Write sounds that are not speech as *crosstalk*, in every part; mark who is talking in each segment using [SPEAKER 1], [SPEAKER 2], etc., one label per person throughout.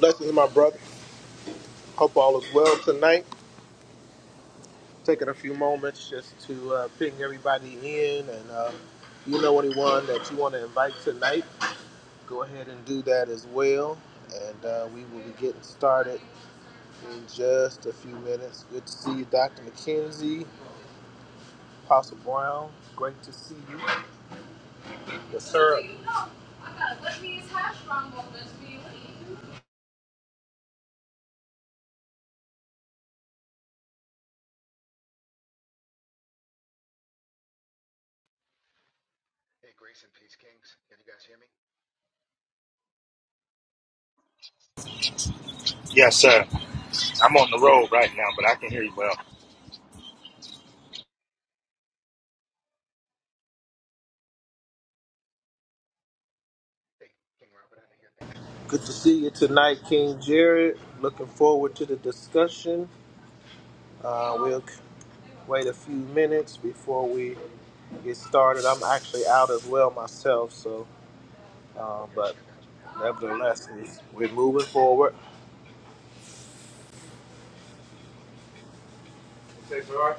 [SPEAKER 1] Blessings, my brother. Hope all is well tonight. Taking a few moments just to uh, ping everybody in, and uh, you know anyone that you want to invite tonight, go ahead and do that as well. And uh, we will be getting started in just a few minutes. Good to see you, Dr. McKenzie, Apostle Brown. Great to see you. It's
[SPEAKER 2] Hey, Grace and Peace Kings. Can you guys hear me?
[SPEAKER 3] Yes, sir. I'm on the road right now, but I can hear you well.
[SPEAKER 2] Hey, King Robert, I didn't hear a thing you said.
[SPEAKER 1] good
[SPEAKER 2] Say
[SPEAKER 1] to
[SPEAKER 2] something.
[SPEAKER 1] see you tonight, King Jared. Looking forward to the discussion. Uh, we'll wait a few minutes before we get started. I'm actually out as well myself, so uh,
[SPEAKER 2] Okay, I
[SPEAKER 1] but
[SPEAKER 2] think I got you now.
[SPEAKER 1] nevertheless, we- are moving forward.
[SPEAKER 2] No, I still can't get King Nick.
[SPEAKER 1] Okay, so our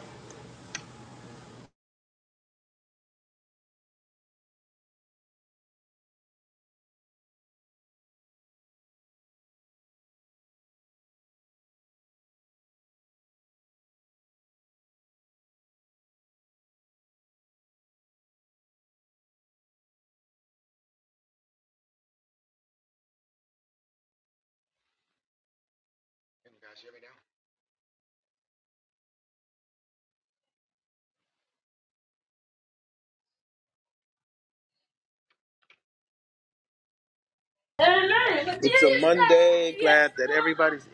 [SPEAKER 2] Can you guys hear me now?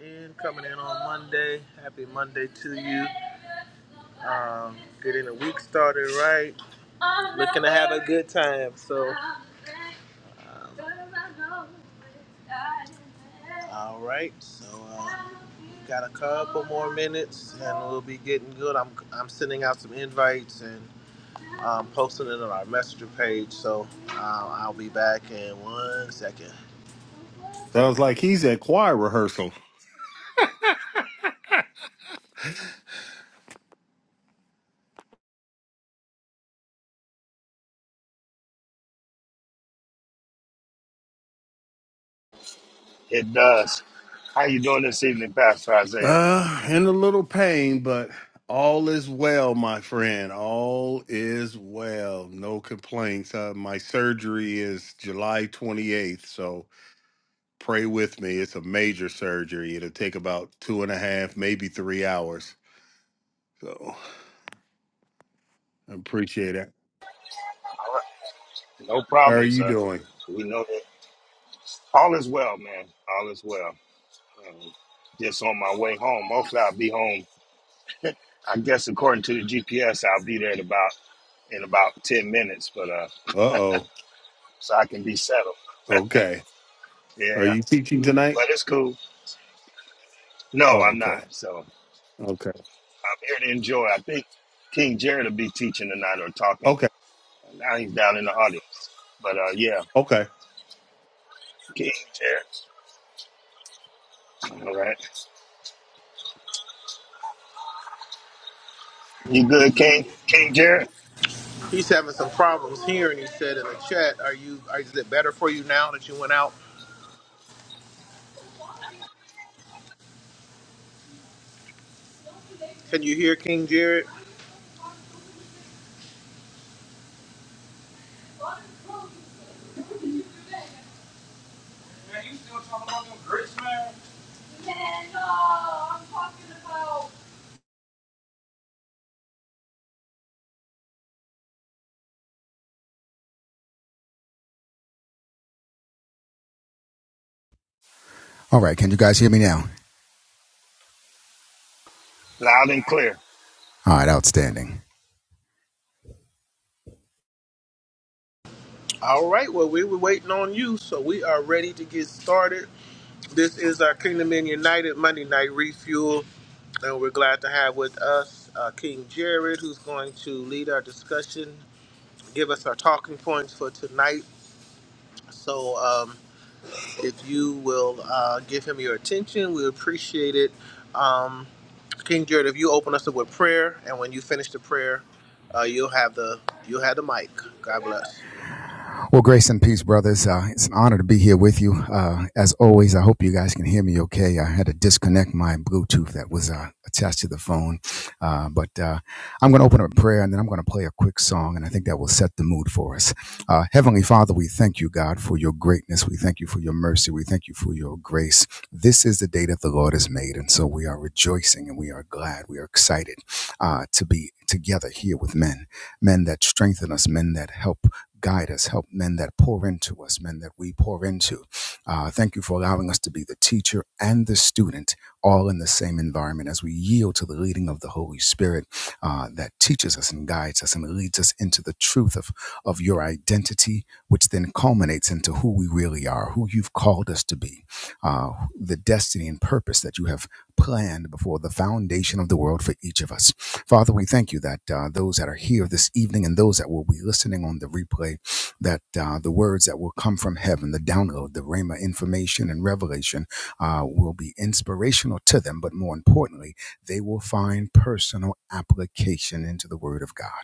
[SPEAKER 1] in today. Happy Monday Tuesday, started right good time. So uh, all right, so a couple minutes and we'll be getting good. I'm I'm sending out some invites and um, posting it on our messenger page. So uh, I'll be back in one second.
[SPEAKER 4] Sounds like he's at choir rehearsal.
[SPEAKER 3] It does. How you doing this evening, Pastor Isaiah?
[SPEAKER 4] Uh, in a little pain, but all is well, my friend. All is well. No complaints. Uh, my surgery is July 28th, so pray with me. It's a major surgery. It'll take about two and a half, maybe three hours. So I appreciate it.
[SPEAKER 3] No
[SPEAKER 4] How are
[SPEAKER 3] problem,
[SPEAKER 4] you
[SPEAKER 3] sir.
[SPEAKER 4] doing?
[SPEAKER 3] We know that all is well, man. All is well. Um, just on my way home. Hopefully, I'll be home. I guess according to the GPS, I'll be there in about in about ten minutes, but uh,
[SPEAKER 4] Uh oh.
[SPEAKER 3] so I can be settled.
[SPEAKER 4] Okay. Are
[SPEAKER 3] Yeah,
[SPEAKER 4] you teaching tonight?
[SPEAKER 3] but it's cool. No,
[SPEAKER 4] Oh,
[SPEAKER 3] I'm not.
[SPEAKER 4] okay.
[SPEAKER 3] So
[SPEAKER 4] Okay.
[SPEAKER 3] I'm here to enjoy. I think King Jared will be teaching tonight or talking.
[SPEAKER 4] Okay.
[SPEAKER 3] Now he's down in the audience, but uh, yeah,
[SPEAKER 4] Okay.
[SPEAKER 3] King Jared. All right. You good, King? King Jared?
[SPEAKER 1] He's having some problems here, and he said in the chat, "Are you? Are, is it better for you now that you went out? Can you hear King Jared?"
[SPEAKER 2] All right, can you guys hear me now?
[SPEAKER 3] Loud and clear.
[SPEAKER 2] All right, outstanding.
[SPEAKER 1] All right. Well, we were waiting on you, so we are ready to get started. This is our Kingdom Men United Monday Night Refuel, and we're glad to have with us uh, King Jared, who's going to lead our discussion, give us our talking points for tonight. So, um, if you will uh, give him your attention, we appreciate it. Um, King Jared, if you open us up with prayer, and when you finish the prayer, uh, you'll have the you'll have the mic. God bless.
[SPEAKER 2] Well, grace and peace, brothers. Uh, it's an honor to be here with you. Uh, as always, I hope you guys can hear me okay. I had to disconnect my Bluetooth that was uh, attached to the phone. Uh, but uh, I'm going to open up a prayer and then I'm going to play a quick song, and I think that will set the mood for us. Uh, Heavenly Father, we thank you, God, for your greatness. We thank you for your mercy. We thank you for your grace. This is the day that the Lord has made. And so we are rejoicing and we are glad. We are excited uh, to be together here with men, men that strengthen us, men that help guide us, help men that pour into us, men that we pour into. Uh, thank you for allowing us to be the teacher and the student, all in the same environment as we yield to the leading of the Holy Spirit uh, that teaches us and guides us and leads us into the truth of, of your identity, which then culminates into who we really are, who you've called us to be, uh, the destiny and purpose that you have planned before the foundation of the world for each of us. Father, we thank you that uh, those that are here this evening and those that will be listening on the replay, that uh, the words that will come from heaven, the download, the Rhema information and revelation uh, will be inspirational to them, but more importantly, they will find personal application into the Word of God.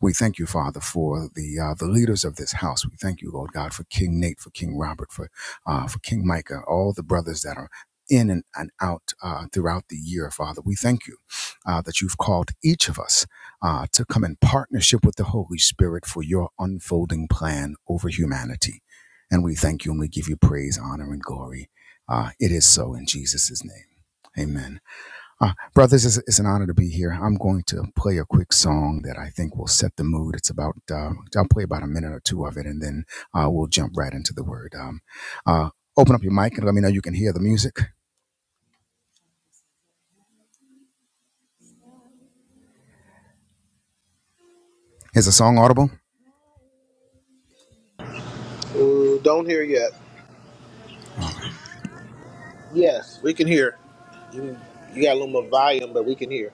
[SPEAKER 2] We thank you, Father, for the uh, the leaders of this house. We thank you, Lord God, for King Nate, for King Robert, for uh, for King Micah, all the brothers that are in and, and out uh, throughout the year, Father. We thank you uh, that you've called each of us uh, to come in partnership with the Holy Spirit for your unfolding plan over humanity. And we thank you and we give you praise, honor, and glory. Uh, it is so in Jesus' name. Amen. Uh, brothers, it's, it's an honor to be here. I'm going to play a quick song that I think will set the mood. It's about, uh, I'll play about a minute or two of it, and then uh, we'll jump right into the word. Um, uh, open up your mic and let me know you can hear the music. Is the song audible?
[SPEAKER 1] Ooh, don't hear yet.
[SPEAKER 2] All right.
[SPEAKER 1] Yes, we can hear. You, you got a little more volume, but we can hear.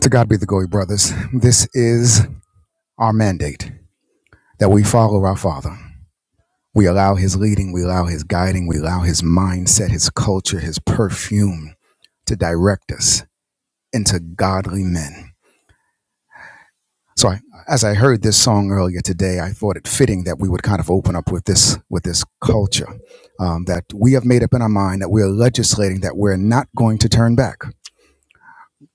[SPEAKER 2] To God be the glory, brothers. This is our mandate that we follow our Father. We allow His leading, we allow His guiding, we allow His mindset, His culture, His perfume. to direct us into godly men. So I, as I heard this song earlier today, I thought it fitting that we would kind of open up with this with this culture um, that we have made up in our mind that we are legislating that we're not going to turn back,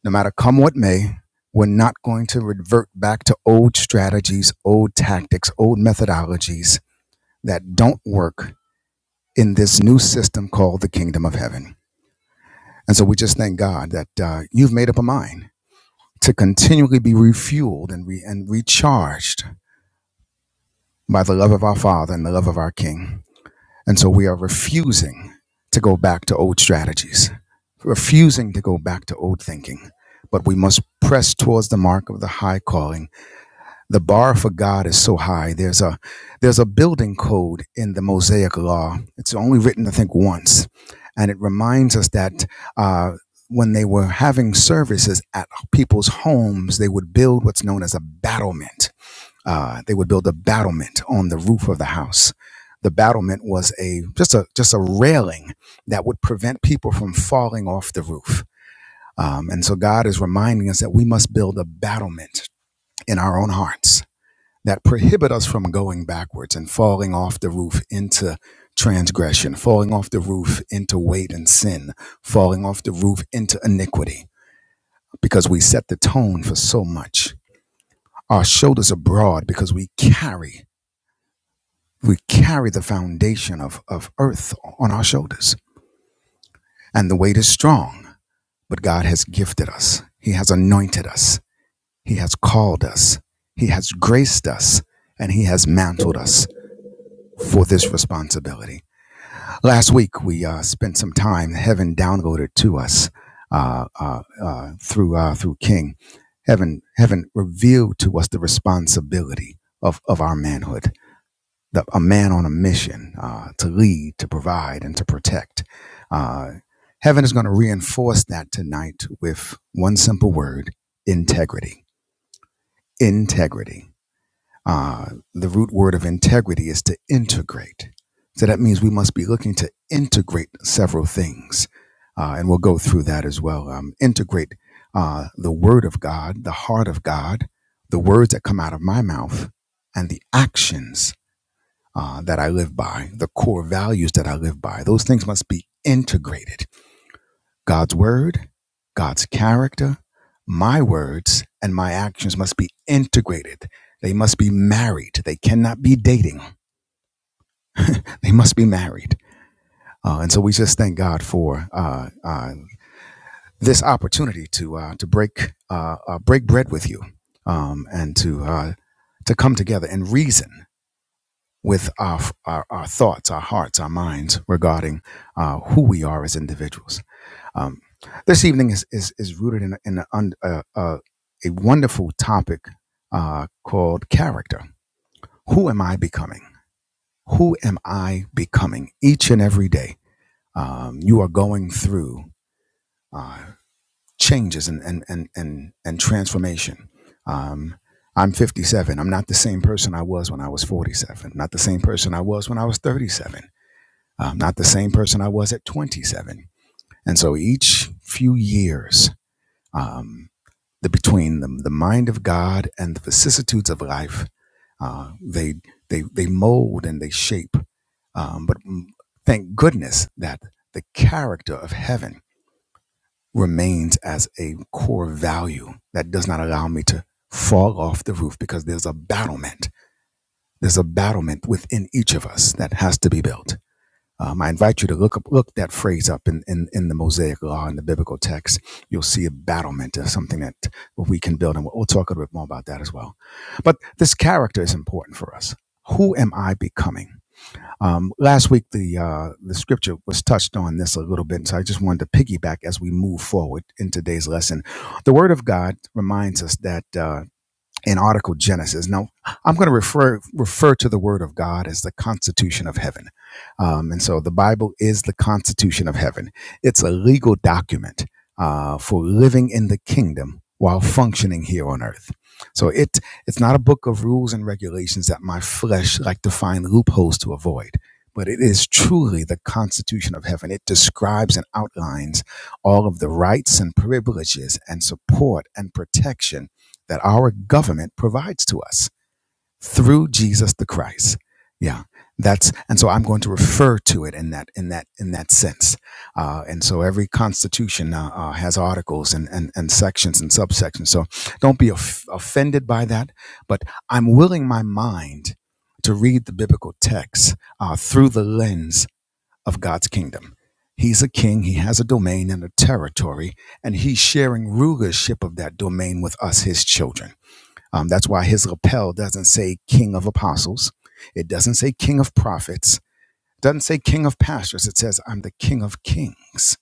[SPEAKER 2] no matter come what may. We're not going to revert back to old strategies, old tactics, old methodologies that don't work in this new system called the kingdom of heaven. And so we just thank God that uh, you've made up a mind to continually be refueled and, re- and recharged by the love of our Father and the love of our King. And so we are refusing to go back to old strategies, refusing to go back to old thinking, but we must press towards the mark of the high calling the bar for God is so high. There's a there's a building code in the Mosaic Law. It's only written, I think, once, and it reminds us that uh, when they were having services at people's homes, they would build what's known as a battlement. Uh, they would build a battlement on the roof of the house. The battlement was a just a just a railing that would prevent people from falling off the roof. Um, and so God is reminding us that we must build a battlement in our own hearts that prohibit us from going backwards and falling off the roof into transgression, falling off the roof into weight and sin, falling off the roof into iniquity, because we set the tone for so much. Our shoulders are broad because we carry, we carry the foundation of, of earth on our shoulders. And the weight is strong, but God has gifted us. He has anointed us. He has called us. He has graced us. And He has mantled us for this responsibility. Last week, we uh, spent some time. Heaven downvoted to us uh, uh, uh, through uh, through King. Heaven, heaven revealed to us the responsibility of of our manhood. The, a man on a mission uh, to lead, to provide, and to protect. Uh, heaven is going to reinforce that tonight with one simple word: integrity. Integrity uh, the root word of integrity is to integrate. So that means we must be looking to integrate several things. Uh, and we'll go through that as well. Um, integrate uh, the word of God, the heart of God, the words that come out of my mouth, and the actions uh, that I live by, the core values that I live by. Those things must be integrated God's word, God's character, my words, and my actions must be integrated. They must be married. They cannot be dating. They must be married. Uh, and so we just thank God for uh, uh, this opportunity to uh, to break uh, uh, break bread with you, um, and to uh, to come together and reason with our, our our thoughts, our hearts, our minds regarding uh, who we are as individuals. Um, this evening is is, is rooted in, a- in a, uh, uh, a wonderful topic uh, called character. Who am I becoming? Who am I becoming each and every day? Um, you are going through uh, changes and and and and, and transformation. Um, I'm 57. I'm not the same person I was when I was 47. Not the same person I was when I was 37. Um, not the same person I was at 27. And so each few years. um, the between the, the mind of God and the vicissitudes of life. Uh, they they they mold and they shape. Um, but mm, thank goodness that the character of heaven remains as a core value that does not allow me to fall off the roof because there's a battlement. There's a battlement within each of us that has to be built um, I invite you to look up, look that phrase up in, in, in the Mosaic Law in the biblical text. You'll see a battlement of something that we can build, and we'll, we'll talk a little bit more about that as well. But this character is important for us. Who am I becoming? Um, last week, the uh, the scripture was touched on this a little bit, and so I just wanted to piggyback as we move forward in today's lesson. The Word of God reminds us that. uh, in article Genesis. Now, I'm going to refer refer to the Word of God as the Constitution of Heaven, um, and so the Bible is the Constitution of Heaven. It's a legal document uh, for living in the kingdom while functioning here on earth. So it it's not a book of rules and regulations that my flesh like to find loopholes to avoid. But it is truly the Constitution of Heaven. It describes and outlines all of the rights and privileges and support and protection that our government provides to us through Jesus the Christ. Yeah, that's and so I'm going to refer to it in that in that in that sense. Uh, and so every constitution uh, uh, has articles and, and and sections and subsections. So don't be off- offended by that. But I'm willing my mind to read the biblical text uh, through the lens of God's kingdom. He's a king. He has a domain and a territory, and he's sharing rulership of that domain with us, his children. Um, that's why his lapel doesn't say King of Apostles. It doesn't say King of Prophets. It doesn't say King of Pastors. It says, I'm the King of Kings.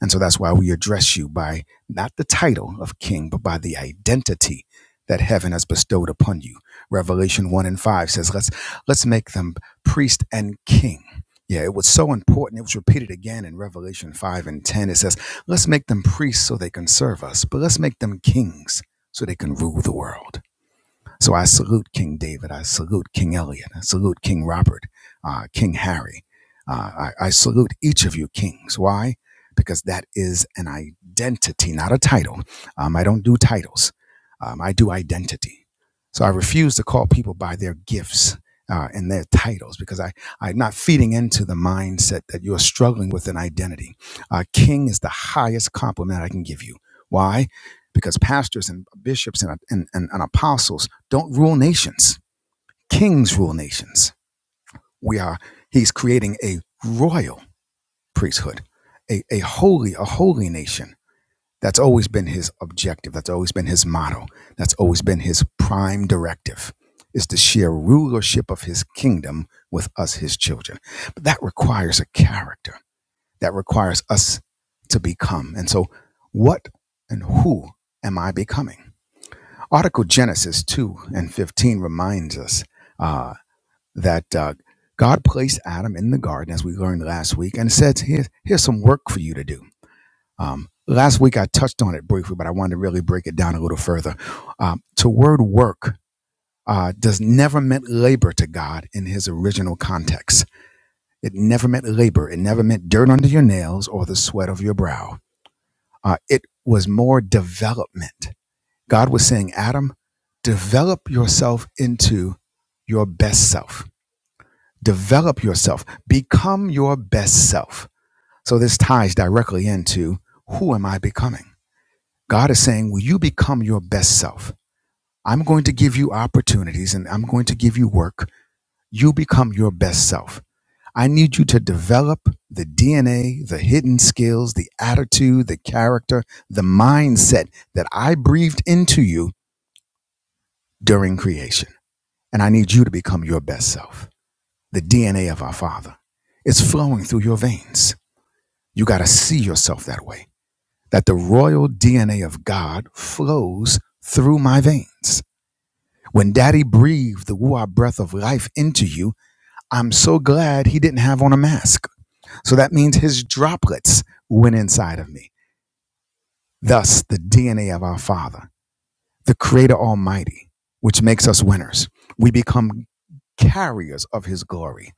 [SPEAKER 2] And so that's why we address you by not the title of King, but by the identity that heaven has bestowed upon you. Revelation 1 and 5 says, let's, let's make them priest and king. Yeah, it was so important. It was repeated again in Revelation 5 and 10. It says, let's make them priests so they can serve us, but let's make them kings so they can rule the world. So I salute King David. I salute King Elliot. I salute King Robert, uh, King Harry. Uh, I, I salute each of you kings. Why? Because that is an identity, not a title. Um, I don't do titles. Um, I do identity. So I refuse to call people by their gifts uh, and their titles because I, I'm not feeding into the mindset that you're struggling with an identity. Uh, king is the highest compliment I can give you. Why? Because pastors and bishops and, and, and, and apostles don't rule nations. Kings rule nations. We are, he's creating a royal priesthood, a, a holy, a holy nation. That's always been his objective. That's always been his motto. That's always been his prime directive is to share rulership of his kingdom with us, his children. But that requires a character. That requires us to become. And so what and who am I becoming? Article Genesis 2 and 15 reminds us. uh, that uh, God placed Adam in the garden, as we learned last week, and said, "Here's here's some work for you to do." Um, last week I touched on it briefly, but I wanted to really break it down a little further. Um, to word work uh, does never meant labor to God in His original context. It never meant labor. It never meant dirt under your nails or the sweat of your brow. Uh, it was more development. God was saying, Adam, develop yourself into your best self develop yourself, become your best self. So this ties directly into who am I becoming? God is saying, Will you become your best self? I'm going to give you opportunities and I'm going to give you work. You become your best self. I need you to develop the DNA, the hidden skills, the attitude, the character, the mindset that I breathed into you during creation. And I need you to become your best self, the DNA of our Father. is flowing through your veins You got to see yourself that way. That the royal DNA of God flows through my veins. When daddy breathed the Ruah breath of life into you, I'm so glad he didn't have on a mask. So that means his droplets went inside of me. Thus, the DNA of our Father, the Creator Almighty, which makes us winners. We become carriers of his glory.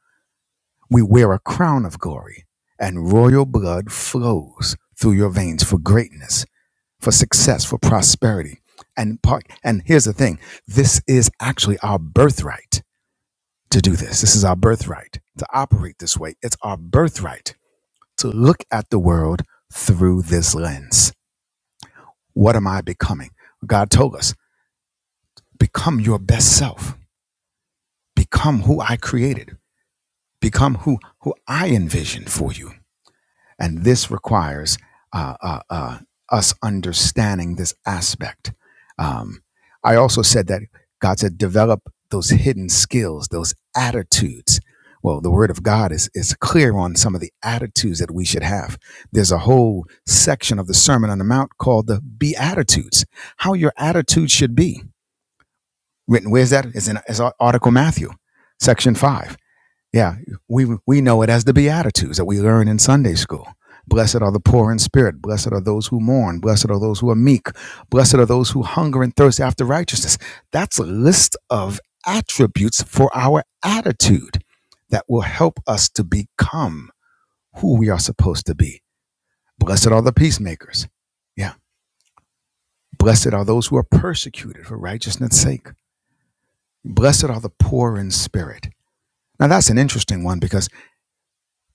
[SPEAKER 2] We wear a crown of glory, and royal blood flows through your veins for greatness for success, for prosperity. And part, and here's the thing. This is actually our birthright to do this. This is our birthright to operate this way. It's our birthright to look at the world through this lens. What am I becoming? God told us, become your best self. Become who I created. Become who, who I envisioned for you And this requires uh, uh, uh, us understanding this aspect. Um, I also said that God said, develop those hidden skills, those attitudes. Well, the word of God is, is clear on some of the attitudes that we should have. There's a whole section of the Sermon on the Mount called the Beatitudes, how your attitude should be. Written, where's that? It's in it's Article Matthew, section five yeah, we we know it as the Beatitudes that we learn in Sunday school. Blessed are the poor in spirit. Blessed are those who mourn. Blessed are those who are meek. Blessed are those who hunger and thirst after righteousness. That's a list of attributes for our attitude that will help us to become who we are supposed to be. Blessed are the peacemakers. Yeah. Blessed are those who are persecuted for righteousness' sake. Blessed are the poor in spirit. Now, that's an interesting one because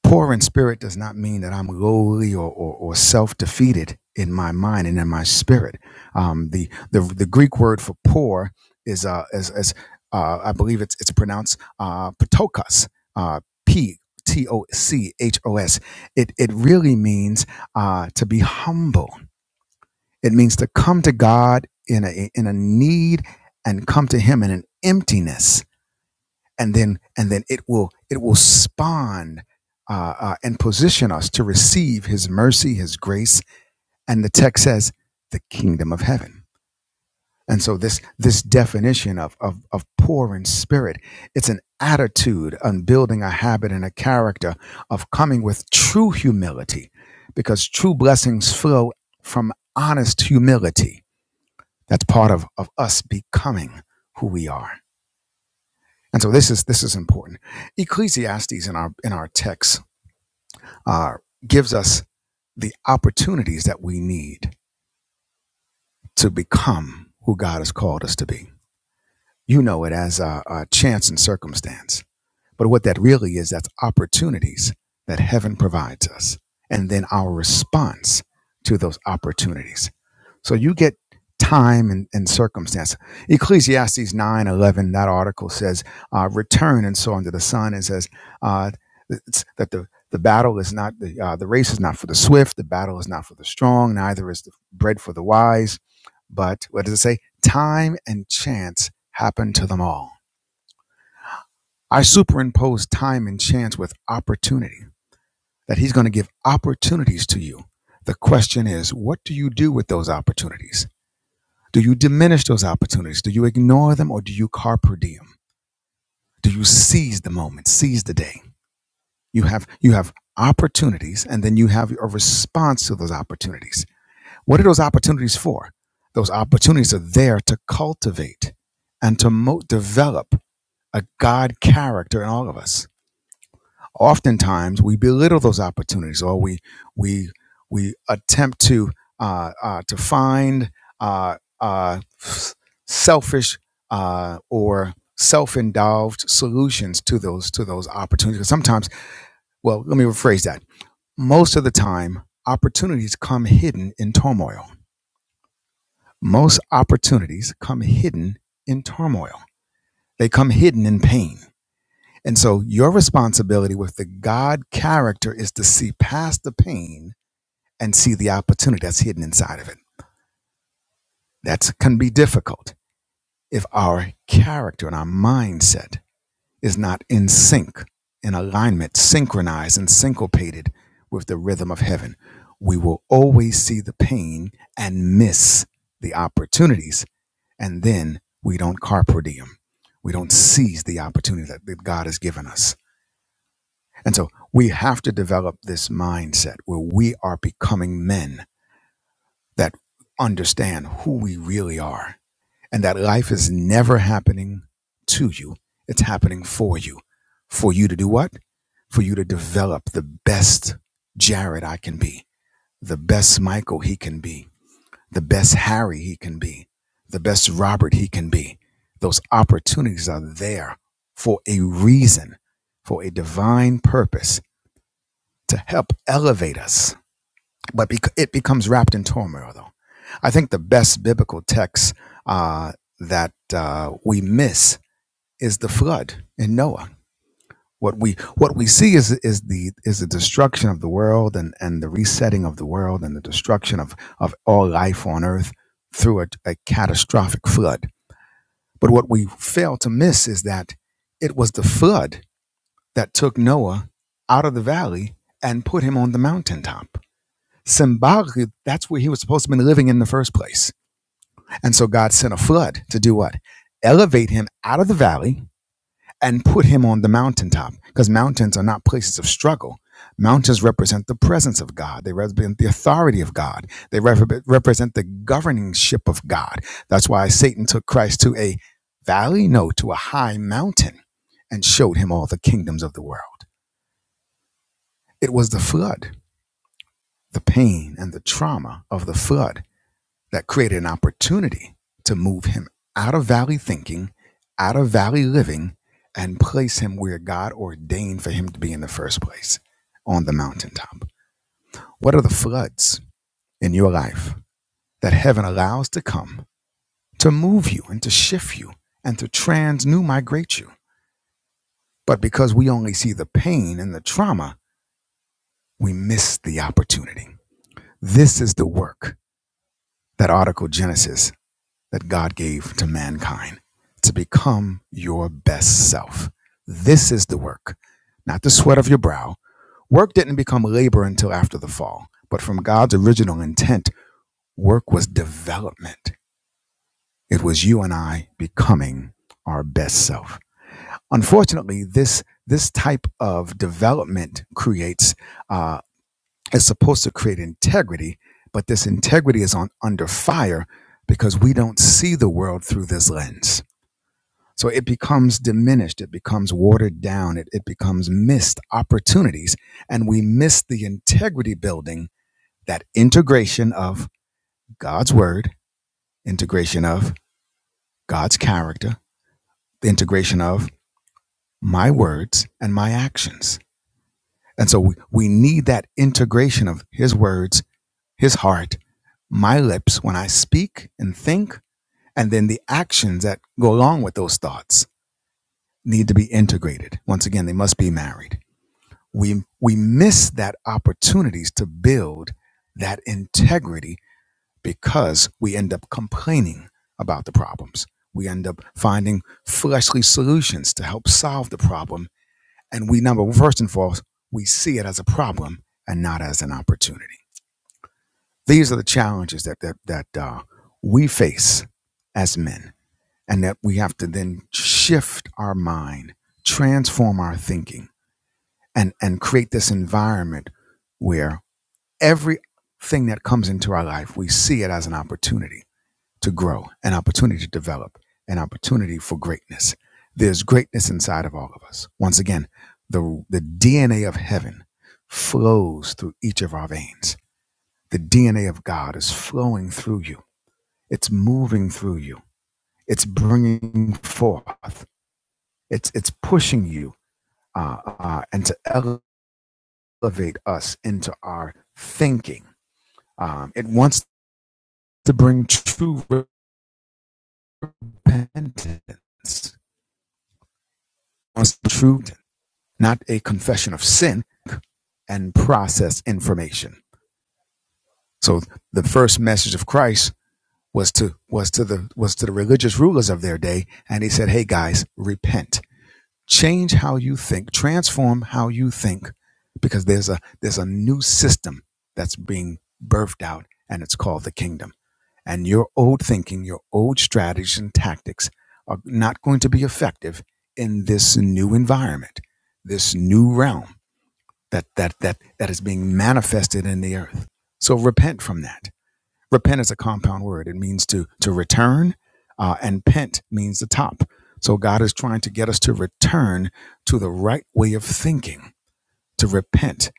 [SPEAKER 2] Poor in spirit does not mean that I'm lowly or, or, or self defeated in my mind and in my spirit. Um, the, the the Greek word for poor is uh, is, is uh, I believe it's it's pronounced uh, patokos, uh, p t o c h o s. It it really means uh, to be humble. It means to come to God in a in a need and come to Him in an emptiness and then and then it will it will spawn uh, uh, and position us to receive his mercy his grace and the text says the kingdom of heaven and so this this definition of of, of poor in spirit it's an attitude on building a habit and a character of coming with true humility because true blessings flow from honest humility that's part of of us becoming who we are and so this is this is important. Ecclesiastes in our in our text uh, gives us the opportunities that we need to become who God has called us to be. You know it as a, a chance and circumstance, but what that really is, that's opportunities that heaven provides us, and then our response to those opportunities. So you get time and, and circumstance. Ecclesiastes 9 11 that article says, uh, return and so unto the sun. It says uh, it's, that the, the battle is not, the, uh, the race is not for the swift, the battle is not for the strong, neither is the bread for the wise. But what does it say? Time and chance happen to them all. I superimpose time and chance with opportunity, that he's going to give opportunities to you. The question is, what do you do with those opportunities? Do you diminish those opportunities? Do you ignore them or do you carpe diem? Do you seize the moment, seize the day? You have you have opportunities and then you have a response to those opportunities. What are those opportunities for? Those opportunities are there to cultivate and to mo- develop a God character in all of us oftentimes we belittle those opportunities or we we we attempt to uh, uh, to find uh, uh, selfish uh, or self-indulged solutions to those to those opportunities 'Cause sometimes well let me rephrase that most of the time opportunities come hidden in turmoil most opportunities come hidden in turmoil they come hidden in pain And so your responsibility with the God character is to see past the pain and see the opportunity that's hidden inside of it. That can be difficult if our character and our mindset is not in sync, in alignment, synchronized and syncopated with the rhythm of heaven. We will always see the pain and miss the opportunities. And then we don't carpe diem. We don't seize the opportunity that that God has given us. And so we have to develop this mindset where we are becoming men that understand who we really are and that life is never happening to you. It's happening for you. For you to do what? For you to develop the best Jared I can be, the best Michael he can be, the best Harry he can be, the best Robert he can be. Those opportunities are there for a reason, for a divine purpose to help elevate us, but bec- it becomes wrapped in turmoil, though. I think the best biblical text uh, that uh, we miss is the flood in Noah. What we what we see is is the is the destruction of the world and, and the resetting of the world and the destruction of, of all life on earth through a, a catastrophic flood. But what we fail to miss is that it was the flood that took Noah out of the valley and put him on the mountaintop symbolically, that's where he was supposed to have been living in the first place. And so God sent a flood to do what? Elevate him out of the valley and put him on the mountaintop because mountains are not places of struggle. Mountains represent the presence of God. They represent the authority of God. They repre- represent the governingship of God. That's why Satan took Christ to a valley, no, to a high mountain and showed him all the kingdoms of the world. It was the flood, the pain and the trauma of the flood that created an opportunity to move him out of valley thinking, out of valley living, and place him where God ordained for him to be in the first place on the mountaintop. What are the floods in your life that heaven allows to come to move you and to shift you and to transnew migrate you? But because we only see the pain and the trauma, we miss the opportunity. This is the work that Article Genesis that God gave to mankind to become your best self. This is the work, not the sweat of your brow. Work didn't become labor until after the fall, but from God's original intent, work was development. It was you and I becoming our best self. Unfortunately, this this type of development creates uh, is supposed to create integrity, but this integrity is on under fire because we don't see the world through this lens so it becomes diminished, it becomes watered down, it, it becomes missed opportunities, and we miss the integrity building that integration of God's word, integration of God's character, the integration of my words and my actions. And so we, we need that integration of his words, his heart, my lips when I speak and think, and then the actions that go along with those thoughts need to be integrated. Once again, they must be married. we we miss that opportunities to build that integrity because we end up complaining about the problems we end up finding fleshly solutions to help solve the problem and we number first and foremost we see it as a problem and not as an opportunity these are the challenges that that, that uh, we face as men and that we have to then shift our mind transform our thinking and and create this environment where. Everything that comes into our life, we see it as an opportunity to grow, an opportunity to develop, an opportunity for greatness. There's greatness inside of all of us. Once again, the, the DNA of heaven flows through each of our veins. The DNA of God is flowing through you. It's moving through you. It's bringing forth. It's it's pushing you uh, uh, and to elevate us into our thinking. Um, it wants to bring true. Repentance was truth, not a confession of sin and process information. So the first message of Christ was to was to the was to the religious rulers of their day, and he said, "Hey guys, repent." change how you think transform how you think because there's a there's a new system that's being birthed out and it's called the kingdom and your old thinking your old strategies and tactics are not going to be effective in this new environment this new realm that that that that is being manifested in the earth so repent from that repent is a compound word. It means to to return, uh, and pent means the top. So God is trying to get us to return to the right way of thinking, to repent,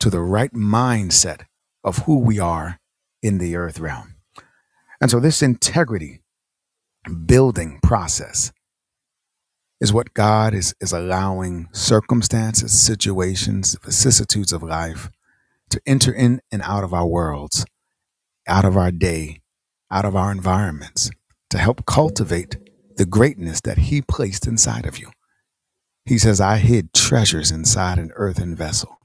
[SPEAKER 2] to the right mindset of who we are in the earth realm. And so this integrity building process is what God is, is allowing circumstances, situations, vicissitudes of life to enter in and out of our worlds out of our day, out of our environments, to help cultivate the greatness that He placed inside of you. He says, I hid treasures inside an earthen vessel.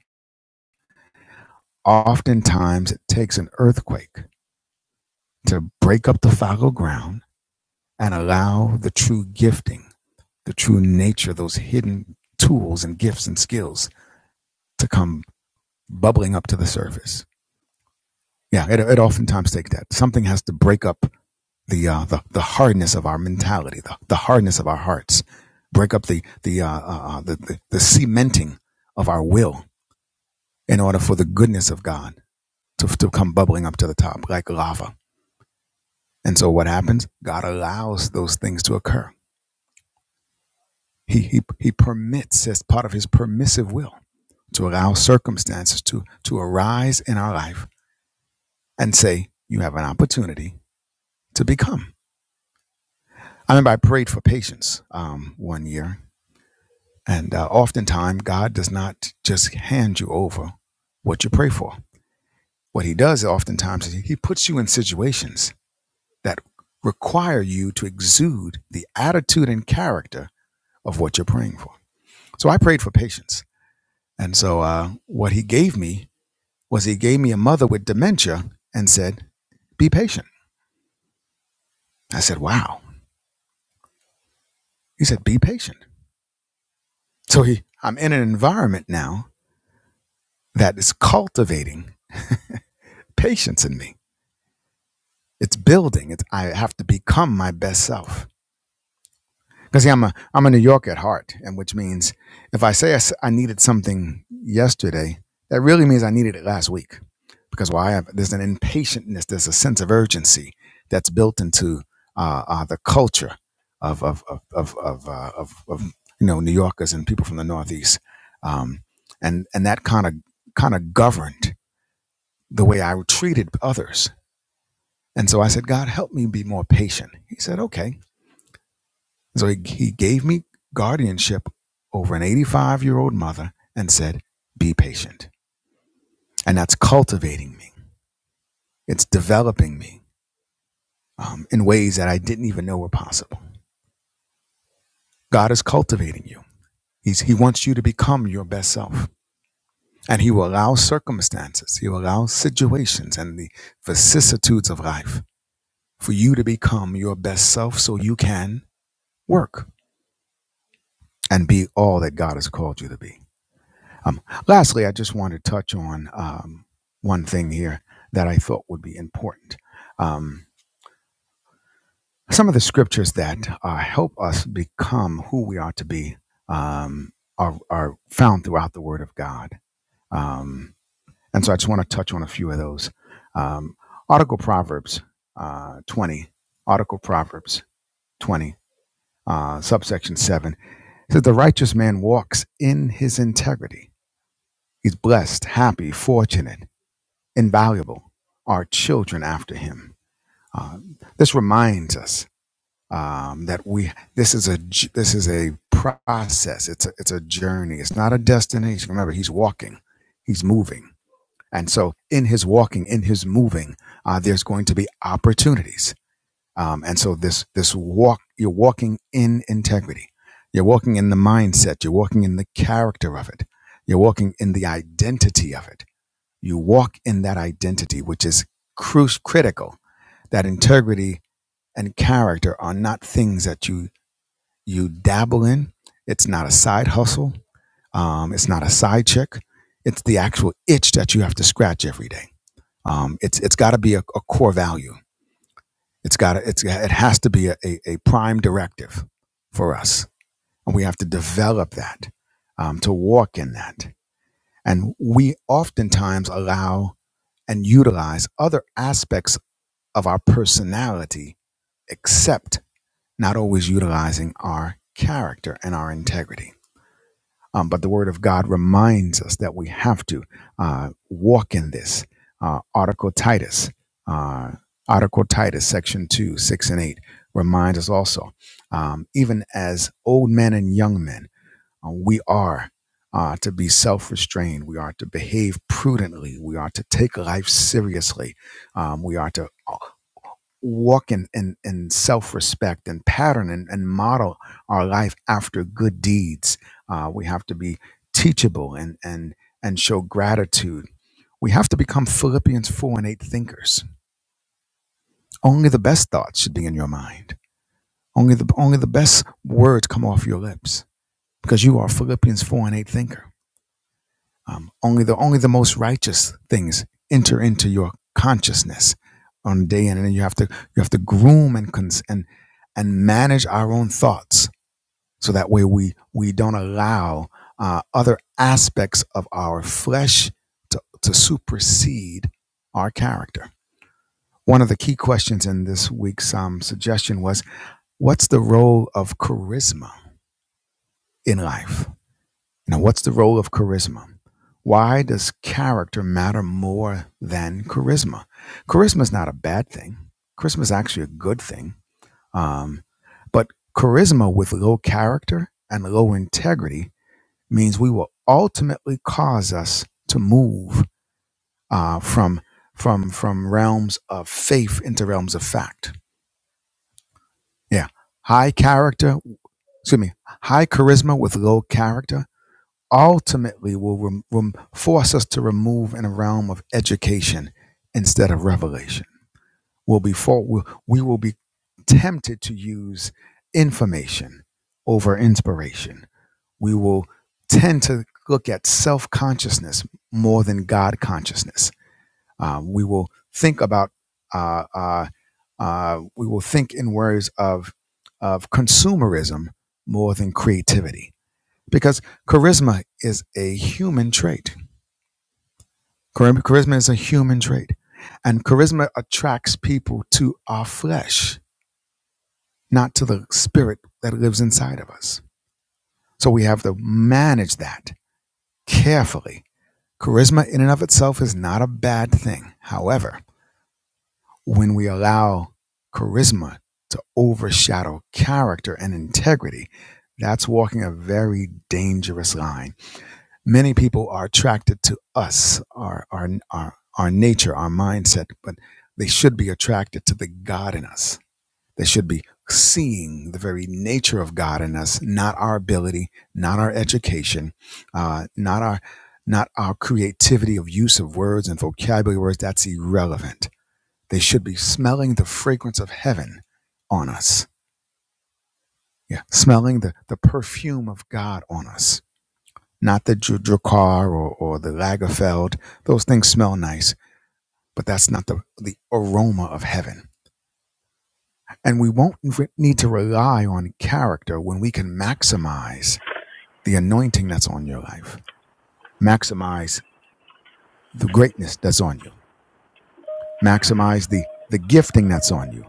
[SPEAKER 2] Oftentimes, it takes an earthquake to break up the fallow ground and allow the true gifting, the true nature, those hidden tools and gifts and skills to come bubbling up to the surface Yeah, it, it oftentimes takes that. Something has to break up the uh, the the hardness of our mentality, the, the hardness of our hearts, break up the the, uh, uh, uh, the the the cementing of our will in order for the goodness of God to to come bubbling up to the top like lava. And so what happens? God allows those things to occur. He he he permits as part of His permissive will to allow circumstances to to arise in our life and say you have an opportunity to become. I remember I prayed for patience um, one year, and uh, oftentimes God does not just hand you over what you pray for. What He does oftentimes is He puts you in situations that require you to exude the attitude and character of what you're praying for. So I prayed for patience, and so uh, what He gave me was He gave me a mother with dementia and said, "Be patient." I said, "Wow." He said, "Be patient." So he, I'm in an environment now that is cultivating patience in me. It's building. It's I have to become my best self. Because see, I'm a I'm a New Yorker at heart, and which means if I say I I needed something yesterday, that really means I needed it last week. Because why? I have, there's an impatientness. There's a sense of urgency that's built into uh, uh, the culture of of of of of, uh, of of you know New Yorkers and people from the Northeast, um, and and that kind of kind of governed the way I treated others And so I said, God, help me be more patient. He said, okay. So he, he gave me guardianship over an 85 year old mother and said, be patient. And that's cultivating me, it's developing me um, in ways that I didn't even know were possible. God is cultivating you, He's, He wants you to become your best self. And he will allow circumstances, he will allow situations and the vicissitudes of life for you to become your best self so you can work and be all that God has called you to be. Um, lastly, I just want to touch on um, one thing here that I thought would be important. Um, some of the scriptures that uh, help us become who we are to be um, are, are found throughout the Word of God. Um, and so I just want to touch on a few of those. Um, Article Proverbs uh, 20, Article Proverbs 20, uh, subsection 7 says, The righteous man walks in his integrity. He's blessed, happy, fortunate. invaluable are children after him. Uh, this reminds us um, that we this is a. this is a process. It's a, it's a journey. It's not a destination. Remember, he's walking, he's moving, and so in his walking, in his moving, uh, there's going to be opportunities. Um, and so this this walk, you're walking in integrity. You're walking in the mindset. You're walking in the character of it. You're walking in the identity of it you walk in that identity, which is crucial. critical. That integrity and character are not things that you you dabble in. It's not a side hustle. Um, it's not a side check. It's the actual itch that you have to scratch every day. Um, it's it's got to be a, a core value. It's got it's it has to be a, a, a prime directive for us, and we have to develop that um, to walk in that. And we oftentimes allow and utilize other aspects of our personality, except not always utilizing our character and our integrity. Um, but the Word of God reminds us that we have to uh, walk in this. Uh, Article Titus, uh, Article Titus, section 2, 6 and 8, reminds us also, um, even as old men and young men, uh, we are uh, to be self restrained. We are to behave prudently. We are to take life seriously. Um, we are to walk in, in, in self-respect and pattern and, and model our life after good deeds uh, we have to be teachable and and and show gratitude we have to become philippians 4 and 8 thinkers only the best thoughts should be in your mind only the only the best words come off your lips because you are philippians 4 and 8 thinker Um, only the only the most righteous things enter into your consciousness on a day in, and then you have to you have to groom and cons- and and manage our own thoughts so that way we we don't allow uh, other aspects of our flesh to, to supersede our character. One of the key questions in this week's um, suggestion was, "What's the role of charisma in life?" Now, what's the role of charisma? Why does character matter more than charisma? Charisma is not a bad thing. Charisma is actually a good thing. Um, but charisma with low character and low integrity means we will ultimately cause us to move uh, from from from realms of faith into realms of fact. Yeah, high character. Excuse me. High charisma with low character ultimately will rem- rem- force us to remove in a realm of education instead of revelation. We'll be for- we'll, we will be tempted to use information over inspiration. We will tend to look at self consciousness more than God consciousness. Uh, we will think about uh, uh, uh, we will think in words of of consumerism more than creativity because charisma is a human trait. Charisma is a human trait, and charisma attracts people to our flesh, not to the spirit that lives inside of us. So we have to manage that carefully. Charisma, in and of itself, is not a bad thing. However, when we allow charisma to overshadow character and integrity, that's walking a very dangerous line many people are attracted to us, our our our, our nature, our mindset, but they should be attracted to the God in us. They should be seeing the very nature of God in us, not our ability, not our education, uh, not our not our creativity of use of words and vocabulary words. That's irrelevant. They should be smelling the fragrance of heaven on us. Yeah, smelling the, the perfume of God on us not the Dr- Drakkar or, or the Lagerfeld. Those things smell nice, but that's not the, the aroma of heaven. And we won't re- need to rely on character when we can maximize the anointing that's on your life, maximize the greatness that's on you, maximize the, the gifting that's on you,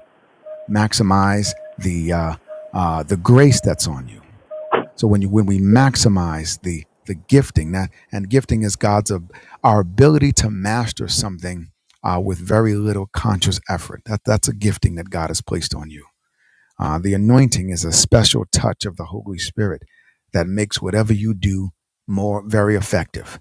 [SPEAKER 2] maximize the, uh, uh, the grace that's on you. So when you when we maximize the the gifting that and gifting is God's of our ability to master something uh, with very little conscious effort. That that's a gifting that God has placed on you. Uh, the anointing is a special touch of the Holy Spirit that makes whatever you do more very effective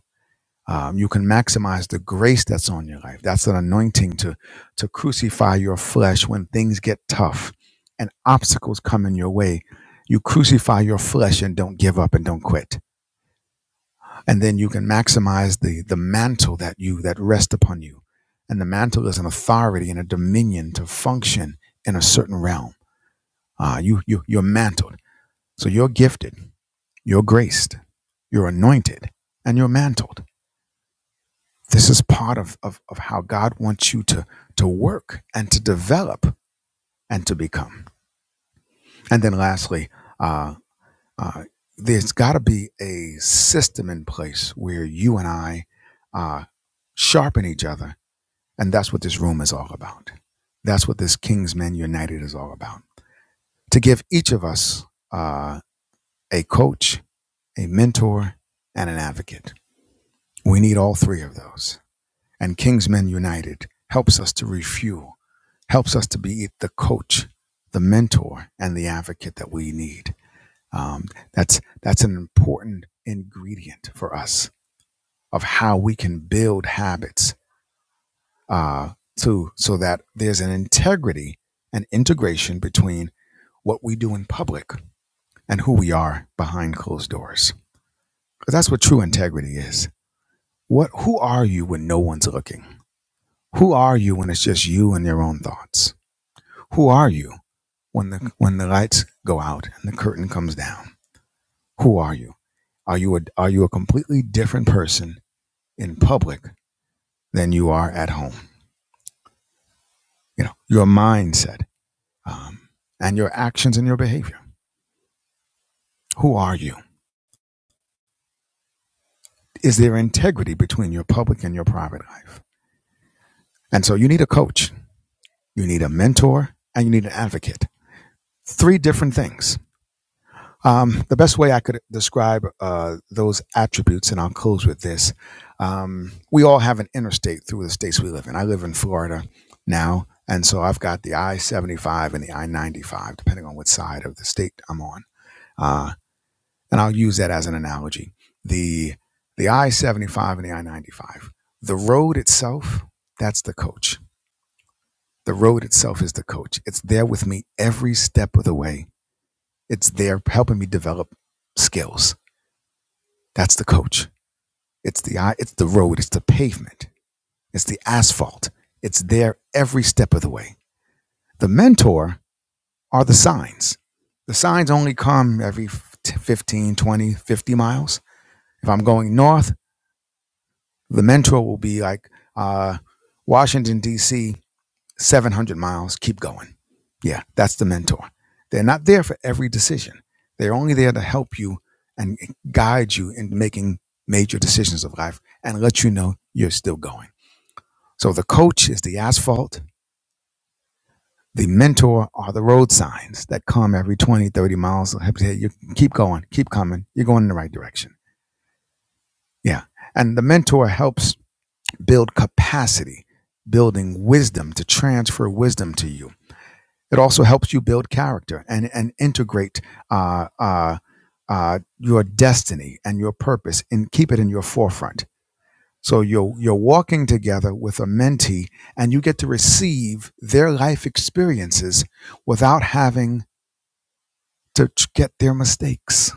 [SPEAKER 2] um, you can maximize the grace that's on your life. That's an anointing to to crucify your flesh when things get tough and obstacles come in your way. You crucify your flesh and don't give up and don't quit. And then you can maximize the the mantle that you that rests upon you. And the mantle is an authority and a dominion to function in a certain realm. Uh, you you you're mantled. So you're gifted, you're graced, you're anointed, and you're mantled this is part of, of, of how God wants you to, to work and to develop and to become. And then lastly, uh, uh, there's got to be a system in place where you and I uh, sharpen each other. And that's what this room is all about. That's what this King's Men United is all about. To give each of us uh, a coach, a mentor, and an advocate. We need all three of those And Kingsmen United helps us to refuel, helps us to be the coach, the mentor, and the advocate that we need. Um, that's that's an important ingredient for us of how we can build habits uh, to so that there's an integrity and integration between what we do in public and who we are behind closed doors. Because that's what true integrity is. What who are you when no one's looking? Who are you when it's just you and your own thoughts? Who are you when the when the lights go out and the curtain comes down? Who are you? Are you a are you a completely different person in public than you are at home? You know your mindset um, and your actions and your behavior. Who are you? Is there integrity between your public and your private life? And so you need a coach, you need a mentor, and you need an advocate. Three different things Um, the best way I could describe uh, those attributes, and I'll close with this. Um, we all have an interstate through the states we live in. I live in Florida now, and so I've got the I 75 and the I 95, depending on what side of the state I'm on. Uh, and I'll use that as an analogy. The, the I 75 and the I 95, the road itself, that's the coach. The road itself is the coach. It's there with me every step of the way, it's there helping me develop skills That's the coach. It's the eye, it's the road, it's the pavement, it's the asphalt. It's there every step of the way. The mentor are the signs. The signs only come every 15, 20, 50 miles. If I'm going north, the mentor will be like uh, Washington, D.C. 700 miles, keep going. Yeah, that's the mentor. They're not there for every decision. They're only there to help you and guide you in making major decisions of life and let you know you're still going. So the coach is the asphalt. The mentor are the road signs that come every 20, 30 miles. Help you you keep going, keep coming. You're going in the right direction. Yeah. And the mentor helps build capacity, building wisdom to transfer wisdom to you It also helps you build character and and integrate uh, uh, uh, your destiny and your purpose and keep it in your forefront. So you're you're walking together with a mentee, and you get to receive their life experiences without having to t- get their mistakes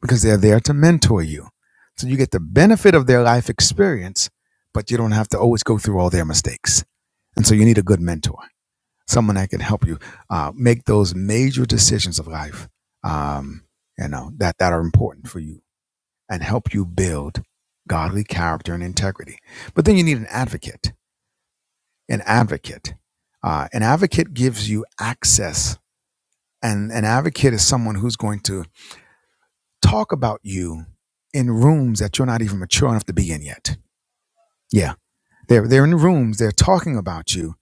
[SPEAKER 2] because they're there to mentor you. So you get the benefit of their life experience, but you don't have to always go through all their mistakes. And so you need a good mentor someone that can help you uh, make those major decisions of life, um, you know, that, that are important for you and help you build godly character and integrity. But then you need an advocate, an advocate. Uh, an advocate gives you access, and an advocate is someone who's going to talk about you in rooms that you're not even mature enough to be in yet. Yeah, they're, they're in rooms, they're talking about you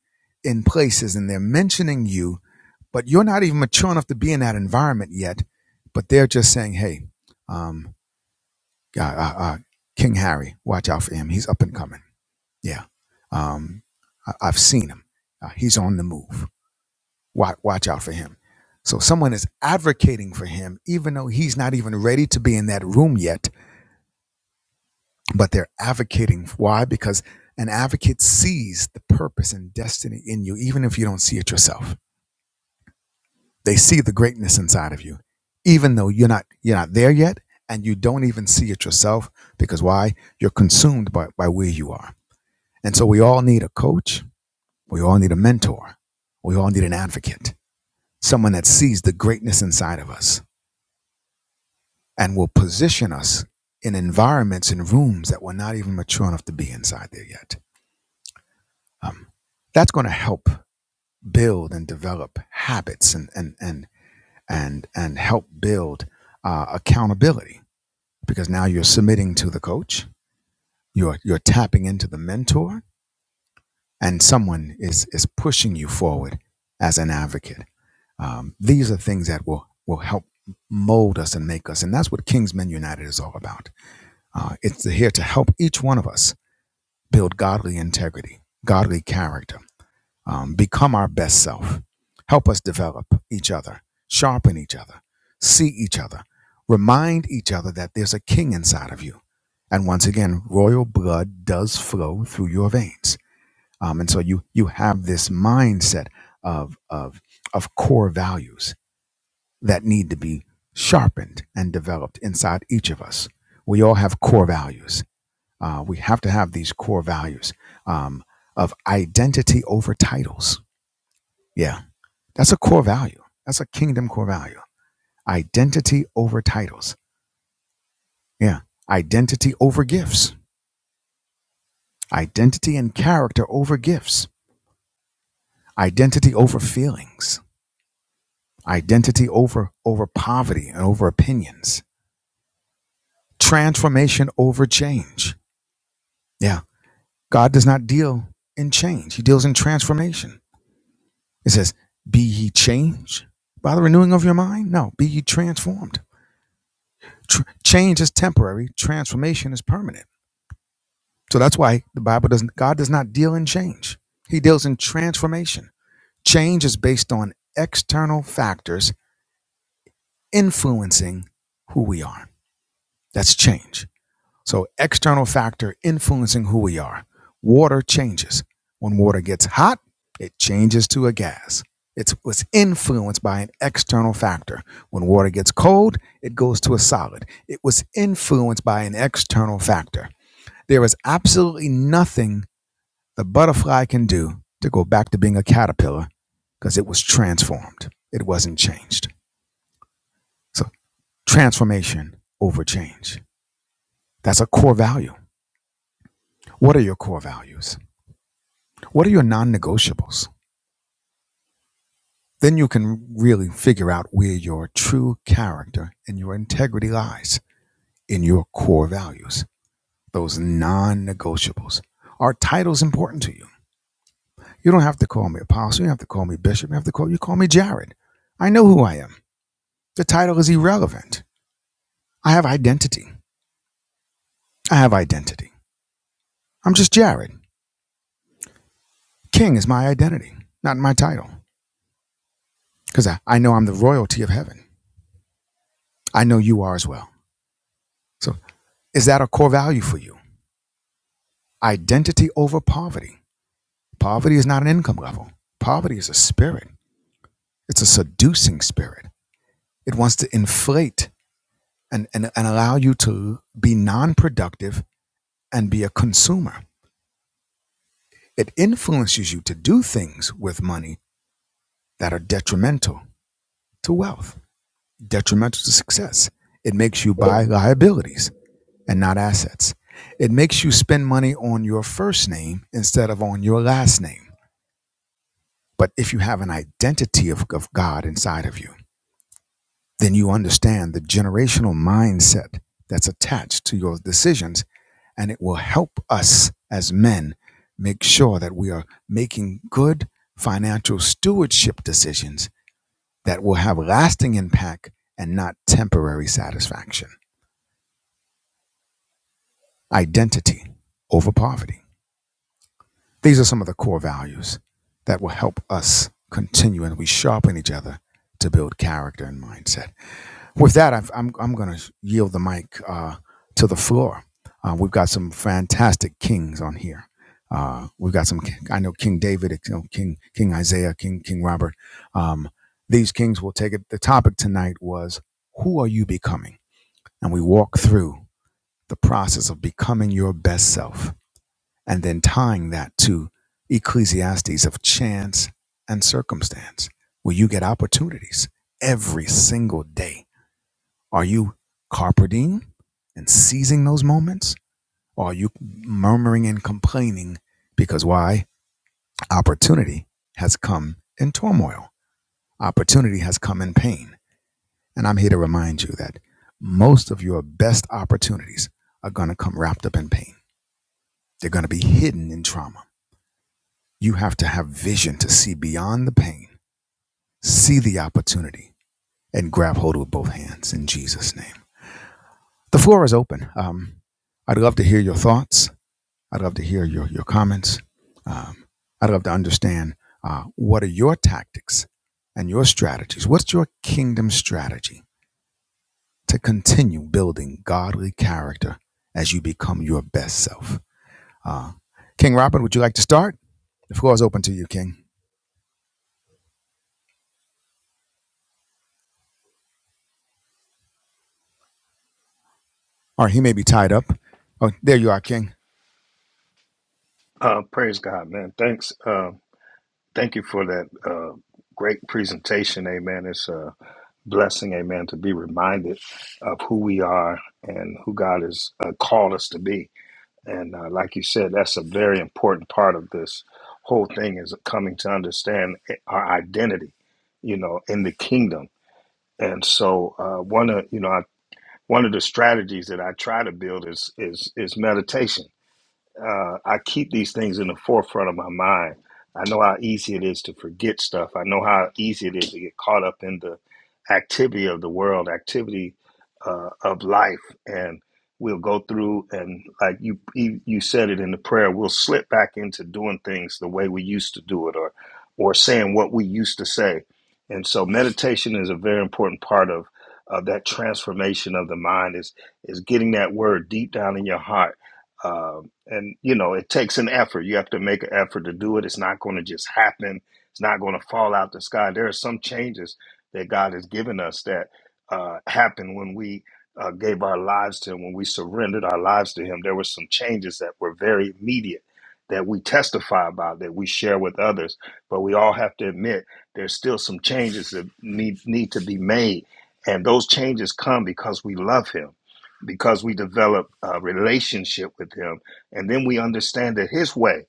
[SPEAKER 2] in places, and they're mentioning you but you're not even mature enough to be in that environment yet. But they're just saying, hey, um, uh, uh, uh, King Harry, watch out for him. He's up and coming. Yeah. Um, I- I've seen him. Uh, he's on the move. Watch, watch out for him. So someone is advocating for him, even though he's not even ready to be in that room yet, but they're advocating. Why? Because an advocate sees the purpose and destiny in you, even if you don't see it yourself They see the greatness inside of you, even though you're not you're not there yet, and you don't even see it yourself because why? You're consumed by, by where you are. And so we all need a coach. We all need a mentor. We all need an advocate, someone that sees the greatness inside of us and will position us in environments and rooms that we're not even mature enough to be inside there yet. That's going to help build and develop habits and and and and and help build uh, accountability because now you're submitting to the coach you're you're tapping into the mentor and someone is is pushing you forward as an advocate um, these are things that will will help mold us and make us and that's what kingsmen united is all about uh, it's here to help each one of us build godly integrity godly character um, become our best self. Help us develop each other, sharpen each other, see each other, remind each other that there's a king inside of you. And once again, royal blood does flow through your veins. Um, and so you you have this mindset of of of core values that need to be sharpened and developed inside each of us. We all have core values. Uh, we have to have these core values um, of identity over titles. Yeah that's a core value. That's a kingdom core value. Identity over titles. Yeah. Identity over gifts. Identity and character over gifts. Identity over feelings. Identity over over poverty and over opinions. Transformation over change. Yeah. God does not deal in change. He deals in transformation. It says, "Be ye changed by the renewing of your mind." No, be ye transformed. Tr- change is temporary, transformation is permanent. So that's why the Bible doesn't, God does not deal in change. He deals in transformation. Change is based on external factors influencing who we are. That's change. So, external factor influencing who we are. Water changes. When water gets hot, it changes to a gas. It's, it's influenced by an external factor. When water gets cold, it goes to a solid. It was influenced by an external factor. There is absolutely nothing the butterfly can do to go back to being a caterpillar because it was transformed. It wasn't changed. So, transformation over change. That's a core value. What are your core values? What are your non negotiables? Then you can really figure out where your true character and your integrity lies in your core values, those non negotiables. Are titles important to you? You don't have to call me apostle. You don't have to call me bishop. You have to call you call me Jared. I know who I am. The title is irrelevant. I have identity. I have identity. I'm just Jared. King is my identity, not my title, because I, I know I'm the royalty of heaven. I know you are as well. So, is that a core value for you? Identity over poverty. Poverty is not an income level, poverty is a spirit, it's a seducing spirit. It wants to inflate and, and, and allow you to be non productive and be a consumer. It influences you to do things with money that are detrimental to wealth detrimental to success. It makes you buy liabilities and not assets. It makes you spend money on your first name instead of on your last name. But if you have an identity of, of God inside of you, then you understand the generational mindset that's attached to your decisions, and it will help us as men make sure that we are making good financial stewardship decisions that will have lasting impact and not temporary satisfaction. identity over poverty. These are some of the core values that will help us continue and we sharpen each other to build character and mindset. With that, I've, I'm, I'm going to yield the mic uh, to the floor. Uh, we've got some fantastic kings on here. Uh, we've got some. I know King David, you know, King King Isaiah, King King Robert. Um, these kings will take it. The topic tonight was who are you becoming, and we walk through the process of becoming your best self and then tying that to Ecclesiastes of chance and circumstance, where you get opportunities every single day. Are you carpe diem and seizing those moments? Or are you murmuring and complaining because why? Opportunity has come in turmoil, opportunity has come in pain. And I'm here to remind you that most of your best opportunities are going to come wrapped up in pain, they're going to be hidden in trauma You have to have vision to see beyond the pain, see the opportunity, and grab hold with both hands in Jesus' name. The floor is open. Um, I'd love to hear your thoughts. I'd love to hear your, your comments. Um, I'd love to understand uh, what are your tactics and your strategies? What's your kingdom strategy to continue building godly character as you become your best self? Uh, King Robert, would you like to start? The floor is open to you, King. Or he may be tied up. Oh, there you are, King.
[SPEAKER 3] Uh, praise God, man. Thanks. Uh, thank you for that uh, great presentation. Amen. It's a blessing, amen, to be reminded of who we are and who God has uh, called us to be. And uh, like you said, that's a very important part of this whole thing is coming to understand eh, our identity, you know, in the kingdom. And so, uh, one of you know, I, one of the strategies that I try to build is is is meditation uh, I keep these things in the forefront of my mind. I know how easy it is to forget stuff. I know how easy it is to get caught up in the activity of the world, activity uh, of life, and we'll go through and like you you you said it in the prayer, we'll slip back into doing things the way we used to do it, or or saying what we used to say. And so meditation is a very important part of of that transformation of the mind is is getting that word deep down in your heart uh, and you know it takes an effort you have to make an effort to do it it's not going to just happen it's not going to fall out the sky there are some changes that god has given us that uh, happened when we uh, gave our lives to him when we surrendered our lives to him there were some changes that were very immediate that we testify about that we share with others but we all have to admit there's still some changes that need need to be made and those changes come because we love him because we develop a relationship with him and then we understand that his way,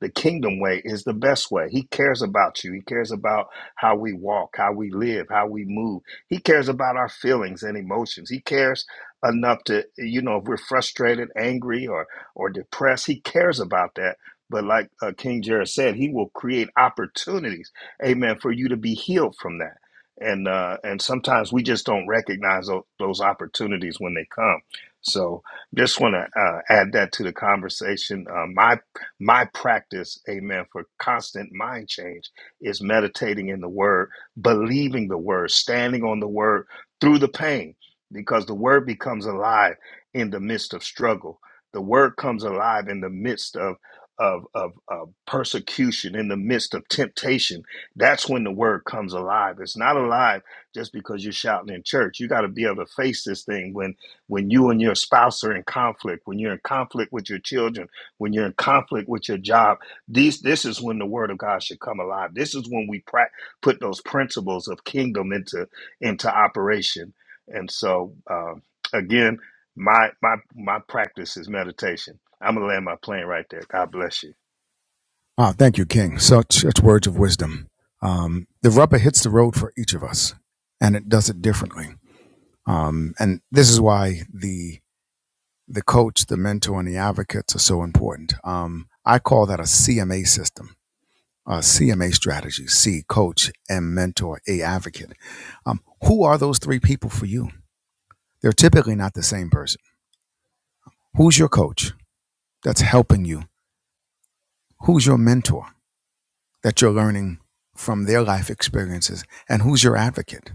[SPEAKER 3] the kingdom way, is the best way. He cares about you. He cares about how we walk, how we live, how we move. He cares about our feelings and emotions. He cares enough to, you know, if we're frustrated, angry, or or depressed, he cares about that. But like uh, King Jared said, he will create opportunities, amen, for you to be healed from that. And uh, and sometimes we just don't recognize those, those opportunities when they come. So just want to uh, add that to the conversation. Uh, my my practice, amen, for constant mind change is meditating in the Word, believing the Word, standing on the Word through the pain, because the Word becomes alive in the midst of struggle. The Word comes alive in the midst of of of, of persecution, in the midst of temptation. That's when the Word comes alive. It's not alive just because you're shouting in church. You got to be able to face this thing when when you and your spouse are in conflict, when you're in conflict with your children, when you're in conflict with your job, these this is when the word of God should come alive. This is when we pra- put those principles of kingdom into into operation. And so, um, again, my my my practice is meditation. I'm gonna land my plane right there. God bless you.
[SPEAKER 2] Ah, thank you, King. Such, such words of wisdom. Um, the rubber hits the road for each of us, and it does it differently. Um, and this is why the the coach, the mentor, and the advocates are so important. Um, I call that a CMA system, a CMA strategy. C, coach, M, mentor, A, advocate. Um, who are those three people for you? They're typically not the same person. Who's your coach that's helping you? Who's your mentor that you're learning from their life experiences? And who's your advocate?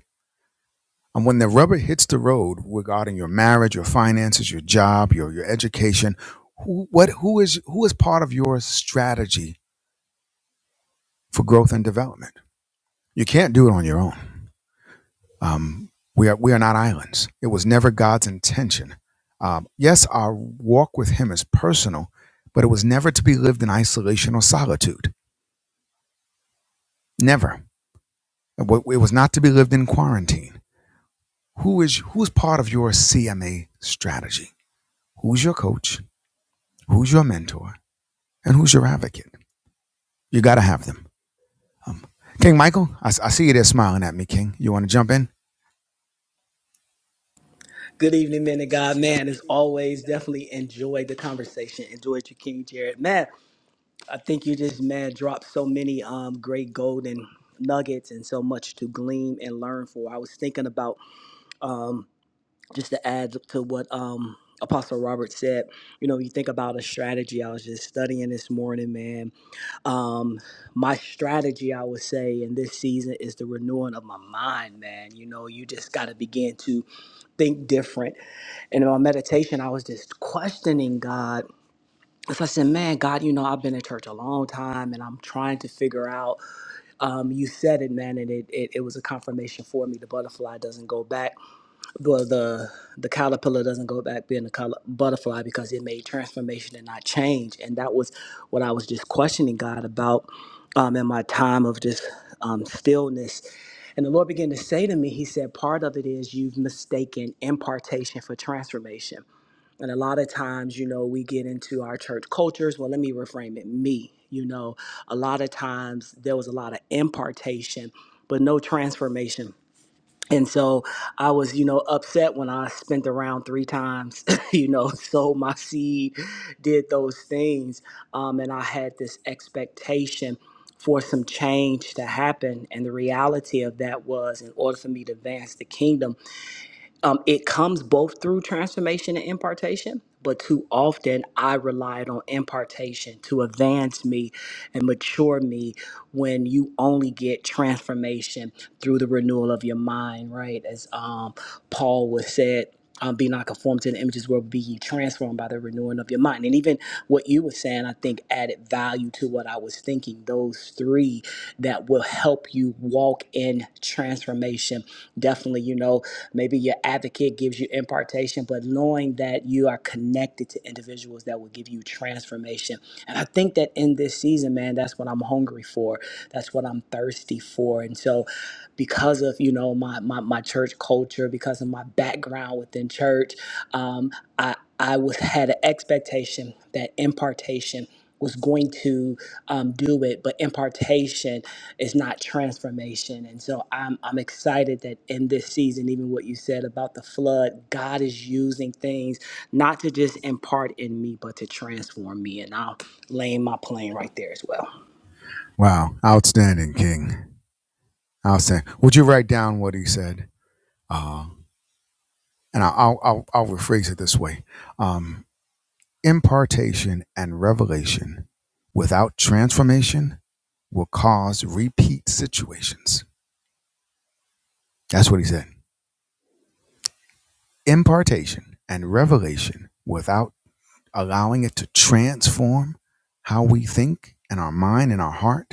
[SPEAKER 2] And when the rubber hits the road regarding your marriage, your finances, your job, your your education, who what who is who is part of your strategy for growth and development? You can't do it on your own. Um, we are we are not islands. It was never God's intention. Um, yes, our walk with Him is personal, but it was never to be lived in isolation or solitude. Never. It wa- it was not to be lived in quarantine. Who is who's part of your CMA strategy? Who's your coach? Who's your mentor? And who's your advocate? You got to have them. Um, King Michael, I I see you there smiling at me, King. You want to jump in?
[SPEAKER 5] Good evening, men and God. Man, as always, definitely enjoyed the conversation. Enjoyed your King Jared. Man, I think you just man dropped so many um great golden nuggets and so much to glean and learn for. I was thinking about um just to add to what um Apostle Robert said. You know, you think about a strategy. I was just studying this morning, man um my strategy i would say in this season is the renewing of my mind man you know you just got to begin to think different and in my meditation i was just questioning god if i said man god you know i've been in church a long time and i'm trying to figure out um you said it man and it, it, it was a confirmation for me the butterfly doesn't go back well the the caterpillar doesn't go back being a color, butterfly because it made transformation and not change and that was what i was just questioning god about um, in my time of just um, stillness and the lord began to say to me he said part of it is you've mistaken impartation for transformation and a lot of times you know we get into our church cultures well let me reframe it me you know a lot of times there was a lot of impartation but no transformation and so I was, you know, upset when I spent around three times, *laughs* you know, sold my seed, did those things. Um, and I had this expectation for some change to happen. And the reality of that was, in order for me to advance the kingdom, um, it comes both through transformation and impartation, but too often I relied on impartation to advance me and mature me when you only get transformation through the renewal of your mind, right? As um, Paul was said um, be not conformed to the images where be ye transformed by the renewing of your mind. And even what you were saying, I think added value to what I was thinking. Those three that will help you walk in transformation. Definitely, you know, maybe your advocate gives you impartation, but knowing that you are connected to individuals that will give you transformation. And I think that in this season, man, that's what I'm hungry for. That's what I'm thirsty for. And so because of you know my, my my church culture because of my background within church um, i i was had an expectation that impartation was going to um, do it but impartation is not transformation and so I'm, I'm excited that in this season even what you said about the flood god is using things not to just impart in me but to transform me and i'll lay my plane right there as well
[SPEAKER 2] Wow. Outstanding, King. Outstanding. Would you write down what he said? Uh, and I'll, I'll, I'll I'll rephrase it this way um, Impartation and revelation without transformation will cause repeat situations. That's what he said. Impartation and revelation without allowing it to transform how we think and our mind and our heart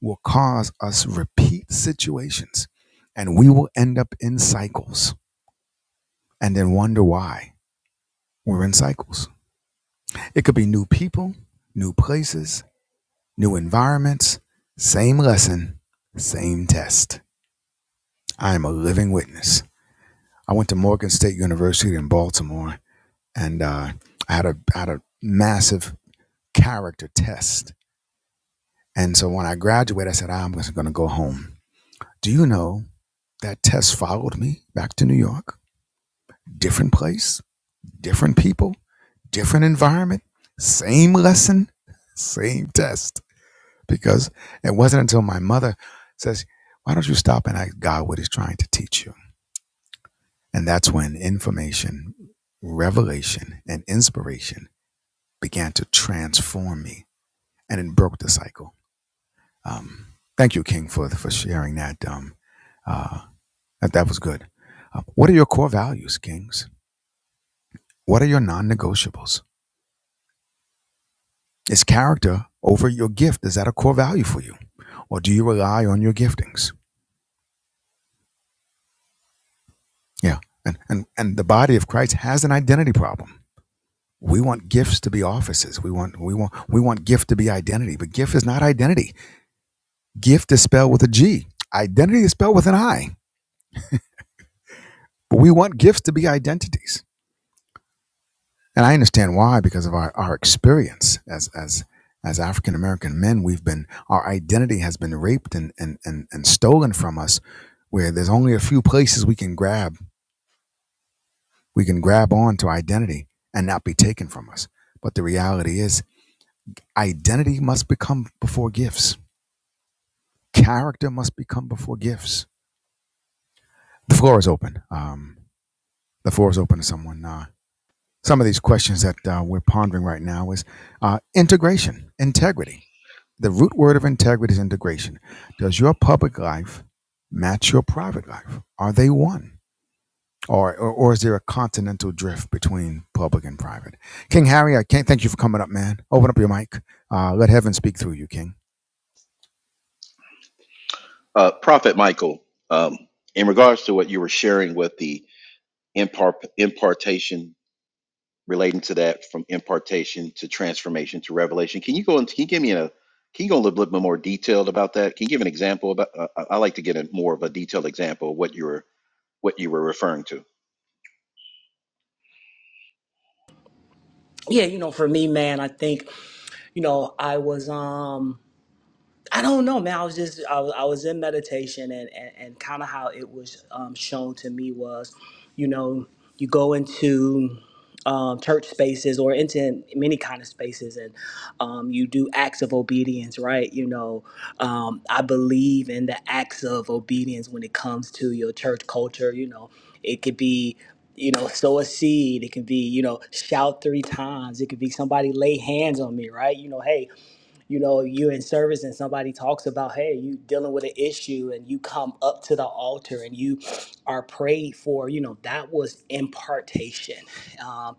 [SPEAKER 2] will cause us repeat situations and we will end up in cycles and then wonder why we're in cycles. It could be new people, new places, new environments, same lesson, same test. I am a living witness. I went to Morgan State University in Baltimore and uh, I had a, had a massive character test. And so when I graduated, I said, I'm just going to go home. Do you know that test followed me back to New York? different place, different people, different environment, same lesson, same test. Because it wasn't until my mother says, Why don't you stop and ask God what He's trying to teach you? And that's when information, revelation, and inspiration began to transform me and it broke the cycle. Um, thank you, King, for, for sharing that. Um, uh, that. That was good. Uh, what are your core values, Kings? What are your non negotiables? Is character over your gift? Is that a core value for you? Or do you rely on your giftings? Yeah. And and and the body of Christ has an identity problem. We want gifts to be offices. We want we want we want gift to be identity, but gift is not identity. Gift is spelled with a G. Identity is spelled with an I. But we want gifts to be identities. And I understand why, because of our, our experience as as as African American men, we've been our identity has been raped and, and and and stolen from us, where there's only a few places we can grab we can grab on to identity and not be taken from us. But the reality is identity must become before gifts. Character must become before gifts. The floor is open. Um, the floor is open to someone. Uh, some of these questions that uh, we're pondering right now is uh, integration, integrity The root word of integrity is integration. Does your public life match your private life? Are they one? Or, or, or is there a continental drift between public and private? King Harry, I can't thank you for coming up, man. Open up your mic. Uh, let heaven speak through you, King.
[SPEAKER 6] Uh, Prophet Michael, um, in regards to what you were sharing with the impart- impartation relating to that from impartation to transformation to revelation, can you go and can you give me a can you go a little bit more detailed about that? Can you give an example about? Uh, I I like to get a more of a detailed example of what you were what you were referring to.
[SPEAKER 5] Yeah, you know, for me, man, I think, you know, I was um I don't know, man. I was just I was, I was in meditation, and and, and kind of how it was um, shown to me was, you know, you go into um, church spaces or into many kind of spaces, and um, you do acts of obedience, right? You know, um, I believe in the acts of obedience when it comes to your church culture. You know, it could be. You know, sow a seed. It could be, you know, shout three times. It could be somebody lay hands on me, right? You know, hey, you know you're in service and somebody talks about hey you dealing with an issue and you come up to the altar and you are prayed for you know that was impartation um,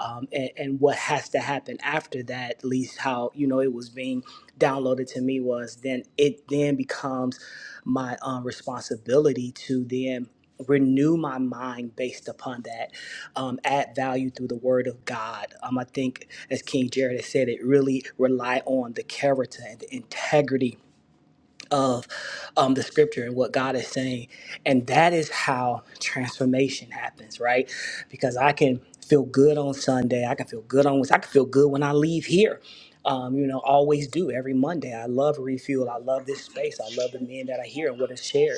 [SPEAKER 5] um, and, and what has to happen after that at least how you know it was being downloaded to me was then it then becomes my um, responsibility to them renew my mind based upon that, um, add value through the word of God. Um, I think, as King Jared has said, it really rely on the character and the integrity of um, the scripture and what God is saying. And that is how transformation happens, right? Because I can feel good on Sunday. I can feel good on, I can feel good when I leave here. Um, you know, always do every Monday. I love refuel. I love this space. I love the men that are here and what is shared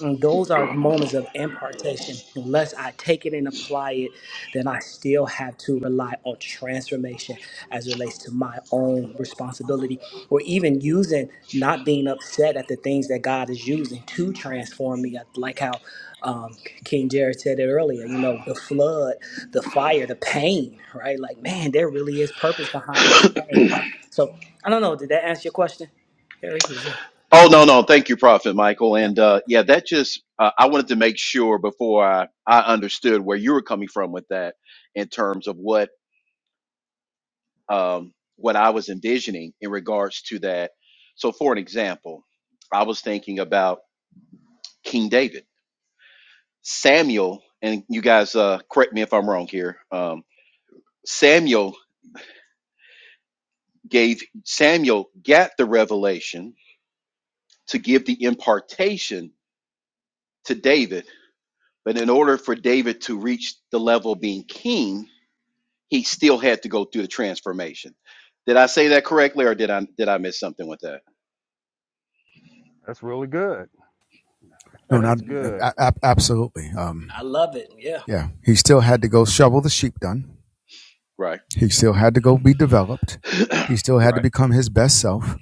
[SPEAKER 5] and those are moments of impartation. Unless I take it and apply it, then I still have to rely on transformation as it relates to my own responsibility, or even using not being upset at the things that God is using to transform me. I Like how um, King Jared said it earlier, you know, the flood, the fire, the pain, right? Like, man, there really is purpose behind this pain. So I don't know. Did that answer your question, Harry? Was that?
[SPEAKER 6] Oh no no, thank you, Prophet Michael,
[SPEAKER 5] Yep.
[SPEAKER 6] and uh, yeah, that just uh, I wanted to make sure before I I understood where you were coming from with that in terms of what um, what I was envisioning in regards to that. So, for an example, I was thinking about King David, Samuel, and you guys uh, correct me if I'm wrong here. Um, Samuel gave Samuel got the revelation to give the impartation to David, but in order for David to reach the level of being king, he still had to go through the transformation. Did I say that correctly, or did I did I miss something with that?
[SPEAKER 4] That's really good. *laughs*
[SPEAKER 2] No, not
[SPEAKER 4] That's good.
[SPEAKER 2] a- a- absolutely. Um,
[SPEAKER 5] I love it. Yeah.
[SPEAKER 2] yeah, he still had to go shovel the sheep done.
[SPEAKER 6] Right,
[SPEAKER 2] He still had to go be developed. He still had to
[SPEAKER 6] right,
[SPEAKER 2] become his best self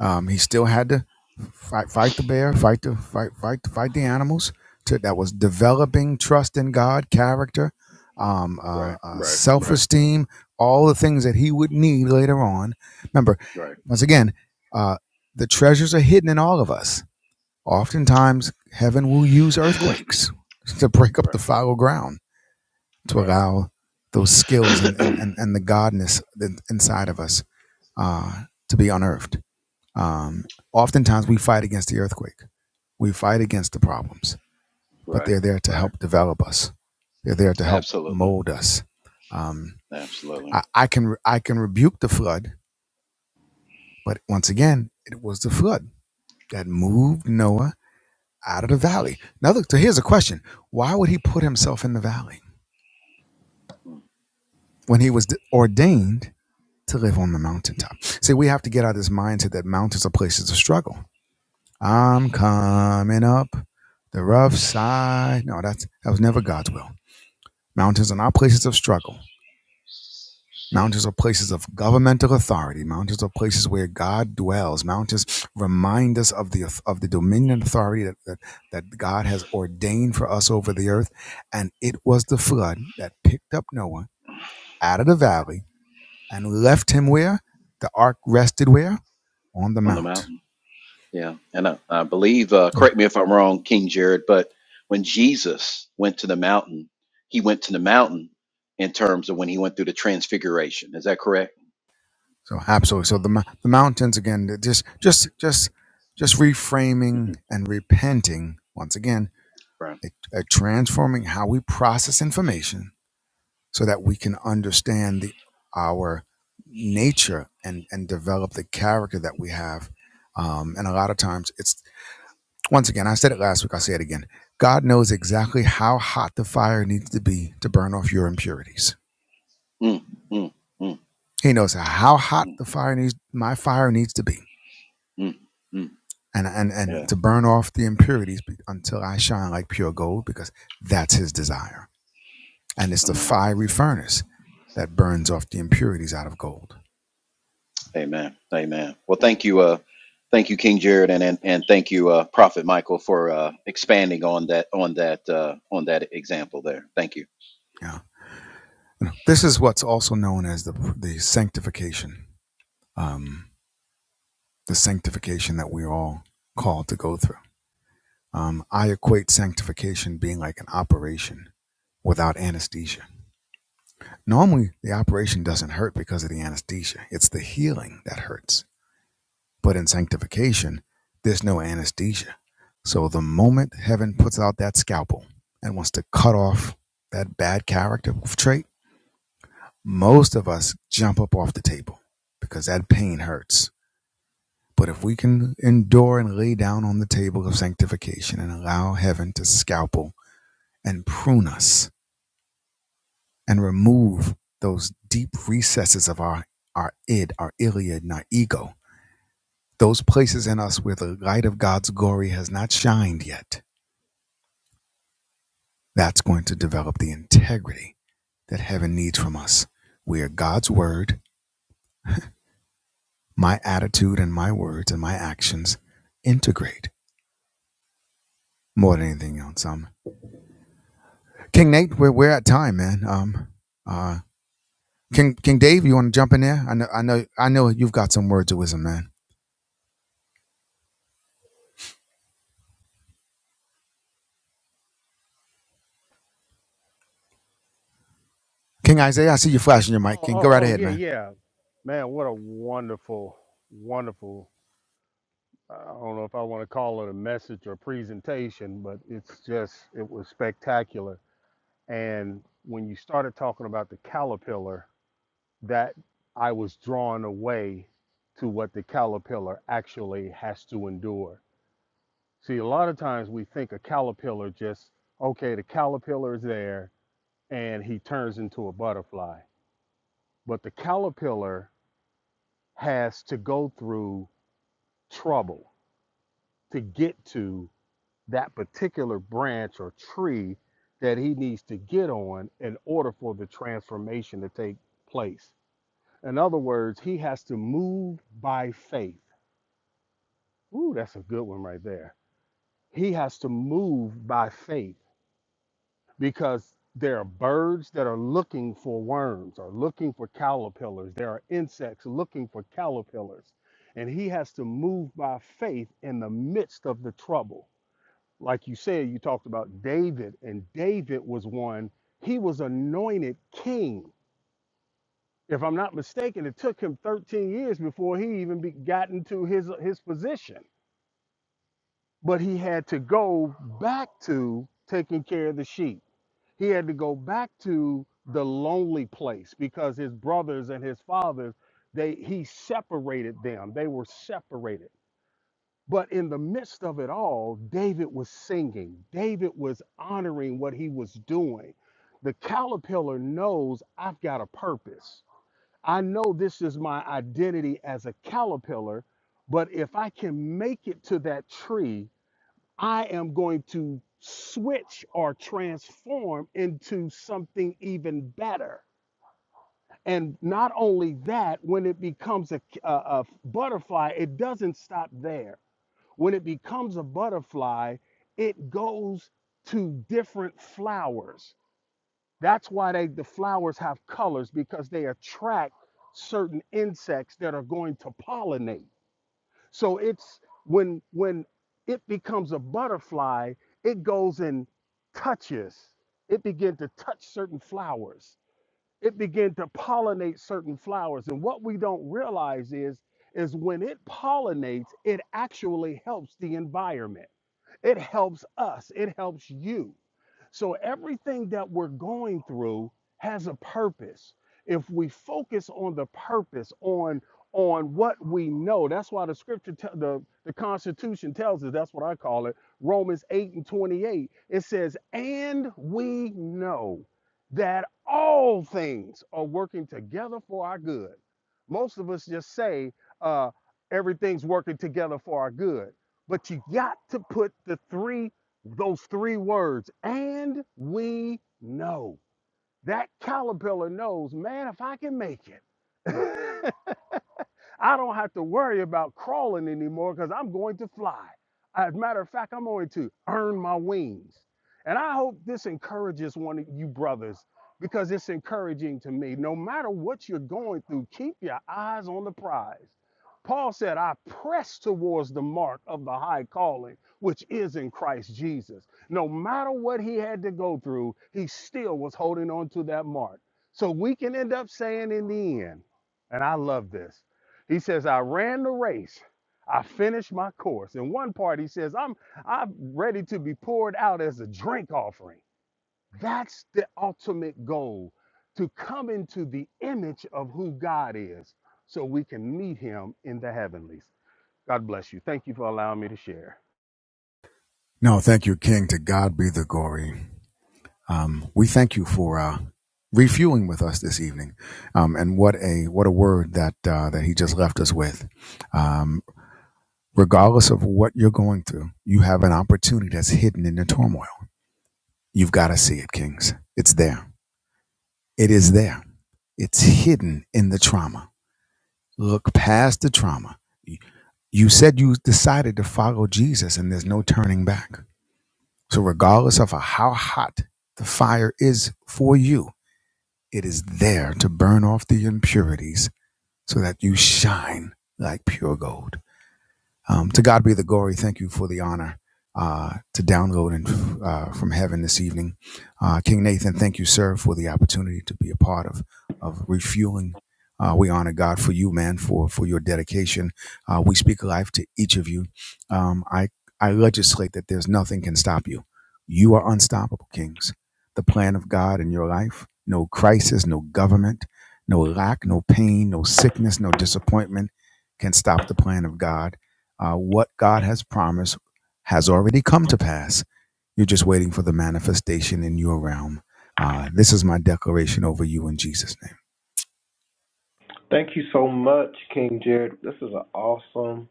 [SPEAKER 2] Um, he still had to fight, fight the bear, fight the fight, fight, fight the animals. To, that was developing trust in God, character, um,
[SPEAKER 6] right,
[SPEAKER 2] uh, uh,
[SPEAKER 6] right,
[SPEAKER 2] self-esteem, all the things that he would need later on. Remember,
[SPEAKER 6] right,
[SPEAKER 2] once again, uh, the treasures are hidden in all of us. Oftentimes, heaven will use earthquakes *laughs* to break up the
[SPEAKER 6] right,
[SPEAKER 2] fallow ground to
[SPEAKER 6] right.
[SPEAKER 2] allow those skills and and, and, the godness inside of us uh, to be unearthed. Um, oftentimes we fight against the earthquake. We fight against the problems, but
[SPEAKER 6] Right,
[SPEAKER 2] they're there to
[SPEAKER 6] right.
[SPEAKER 2] help develop us. They're there to help
[SPEAKER 6] Absolutely.
[SPEAKER 2] mold us. Um,
[SPEAKER 6] Absolutely.
[SPEAKER 2] I, I can I can rebuke the flood, but once again, it was the flood that moved Noah out of the valley. Now, look. So here's a question: Why would he put himself in the valley when he was d- ordained to live on the mountaintop? See, we have to get out of this mindset that mountains are places of struggle I'm coming up the rough side. No, that's that was never God's will. Mountains are not places of struggle. Mountains are places of governmental authority. Mountains are places where God dwells. Mountains remind us of the of the dominion and authority that, that that God has ordained for us over the earth. And it was the flood that picked up Noah out of the valley and left him where the ark rested. Where on the
[SPEAKER 6] On the
[SPEAKER 2] mount.
[SPEAKER 6] mountain. Yeah. And I, I believe, uh,
[SPEAKER 2] Yeah.
[SPEAKER 6] correct me if I'm wrong, King Jared, but when Jesus went to the mountain, he went to the mountain in terms of when he went through the transfiguration. Is that correct?
[SPEAKER 2] So absolutely. So the the mountains again. Just just just just
[SPEAKER 6] hmm
[SPEAKER 2] reframing and repenting once again,
[SPEAKER 6] Right.
[SPEAKER 2] it, uh, transforming how we process information so that we can understand the our nature and and develop the character that we have. Um, and a lot of times, it's once again. I said it last week. I'll say it again. God knows exactly how hot the fire needs to be to burn off your impurities.
[SPEAKER 6] Mm, mm, mm,
[SPEAKER 2] He knows how hot
[SPEAKER 6] mm,
[SPEAKER 2] the fire needs my fire needs to be
[SPEAKER 6] mm, mm.
[SPEAKER 2] and and and
[SPEAKER 6] Yeah.
[SPEAKER 2] to burn off the impurities until I shine like pure gold, because that's his desire, and it's the
[SPEAKER 6] Amen.
[SPEAKER 2] fiery furnace that burns off the impurities out of gold.
[SPEAKER 6] Amen. Amen. Well, thank you. Uh, thank you, King Jared, and and, and thank you, uh, Prophet Michael, for uh, expanding on that on that uh, on that example there. Thank you.
[SPEAKER 2] Yeah, this is what's also known as the the sanctification, um, the sanctification that we're all called to go through. Um, I equate sanctification being like an operation without anesthesia. Normally, the operation doesn't hurt because of the anesthesia; it's the healing that hurts But in sanctification, there's no anesthesia. So the moment heaven puts out that scalpel and wants to cut off that bad character trait, most of us jump up off the table because that pain hurts. But if we can endure and lay down on the table of sanctification and allow heaven to scalpel and prune us and remove those deep recesses of our, our id, our iliad, and our ego, those places in us where the light of God's glory has not shined yet That's going to develop the integrity that heaven needs from us, where God's word, my attitude, and my words and my actions integrate more than anything else. Um, King Nate, we're, we're at time, man. Um, uh, King King Dave, you want to jump in there? I know, I know, I know you've got some words of wisdom, man. King Isaiah, I see you flashing your
[SPEAKER 4] Oh,
[SPEAKER 2] mic. King, go
[SPEAKER 4] oh,
[SPEAKER 2] right
[SPEAKER 4] oh,
[SPEAKER 2] ahead,
[SPEAKER 4] yeah,
[SPEAKER 2] man.
[SPEAKER 4] yeah. Man, what a wonderful, wonderful. I don't know if I want to call it a message or presentation, but it's just, it was spectacular. And when you started talking about the caterpillar, that I was drawn away to what the caterpillar actually has to endure. See, a lot of times we think a caterpillar just, okay, the caterpillar is there and he turns into a butterfly. But the caterpillar has to go through trouble to get to that particular branch or tree that he needs to get on in order for the transformation to take place. In other words, he has to move by faith. Ooh, that's a good one right there. He has to move by faith because there are birds that are looking for worms or looking for caterpillars. There are insects looking for caterpillars. And he has to move by faith in the midst of the trouble like you said, you talked about David, and David was one, he was anointed king. If I'm not mistaken, it took him 13 years before he even be, got into his, his position. But he had to go back to taking care of the sheep. He had to go back to the lonely place because his brothers and his fathers, they he separated them. They were separated. But in the midst of it all, David was singing. David was honoring what he was doing. The caterpillar knows I've got a purpose. I know this is my identity as a caterpillar, but if I can make it to that tree, I am going to switch or transform into something even better. And not only that, when it becomes a, a a butterfly, it doesn't stop there when it becomes a butterfly, it goes to different flowers. That's why they, the flowers have colors because they attract certain insects that are going to pollinate. So it's when when it becomes a butterfly, it goes and touches. It begin to touch certain flowers. It begin to pollinate certain flowers. And what we don't realize is is when it pollinates, it actually helps the environment it helps us, it helps you. So everything that we're going through has a purpose. If we focus on the purpose, on on what we know, that's why the scripture, te- the the Constitution tells us. That's what I call it. Romans eight and twenty eight. It says, "And we know that all things are working together for our good." Most of us just say uh, everything's working together for our good, but you got to put the three those three words, and we know. That caterpillar knows, man, if I can make it. *laughs* I don't have to worry about crawling anymore because I'm going to fly. As a matter of fact, I'm going to earn my wings. And I hope this encourages one of you brothers because it's encouraging to me. No matter what you're going through, keep your eyes on the prize. Paul said, I press towards the mark of the high calling, which is in Christ Jesus. No matter what he had to go through, he still was holding on to that mark. So we can end up saying in the end, and I love this. He says, I ran the race. I finished my course. In one part, he says, I'm I'm ready to be poured out as a drink offering. That's the ultimate goal to come into the image of who God is so we can meet him in the heavenlies. God bless you. Thank you for allowing me to share.
[SPEAKER 2] No, thank you, King. To God be the glory. Um, we thank you for uh, refueling with us this evening, um, and what a what a word that uh, that he just left us with. Um, regardless of what you're going through, you have an opportunity that's hidden in the turmoil. You've got to see it, Kings. It's there. It is there. It's hidden in the trauma. Look past the trauma. You you said you decided to follow Jesus, and there's no turning back. So, regardless of how hot the fire is for you, It is there to burn off the impurities so that you shine like pure gold. Um, to God be the glory. Thank you for the honor uh, to download and uh, from heaven this evening. Uh, King Nathan, thank you, sir, for the opportunity to be a part of of refueling. Uh, we honor God for you, man, for for your dedication. Uh, we speak life to each of you. Um, I I legislate that there's nothing can stop you. You are unstoppable, kings. The plan of God in your life. No crisis, no government, no lack, no pain, no sickness, no disappointment can stop the plan of God uh, what God has promised has already come to pass. You're just waiting for the manifestation in your realm. Uh, this is my declaration over you in Jesus' name.
[SPEAKER 1] Thank you so much, King Jared. This is an awesome,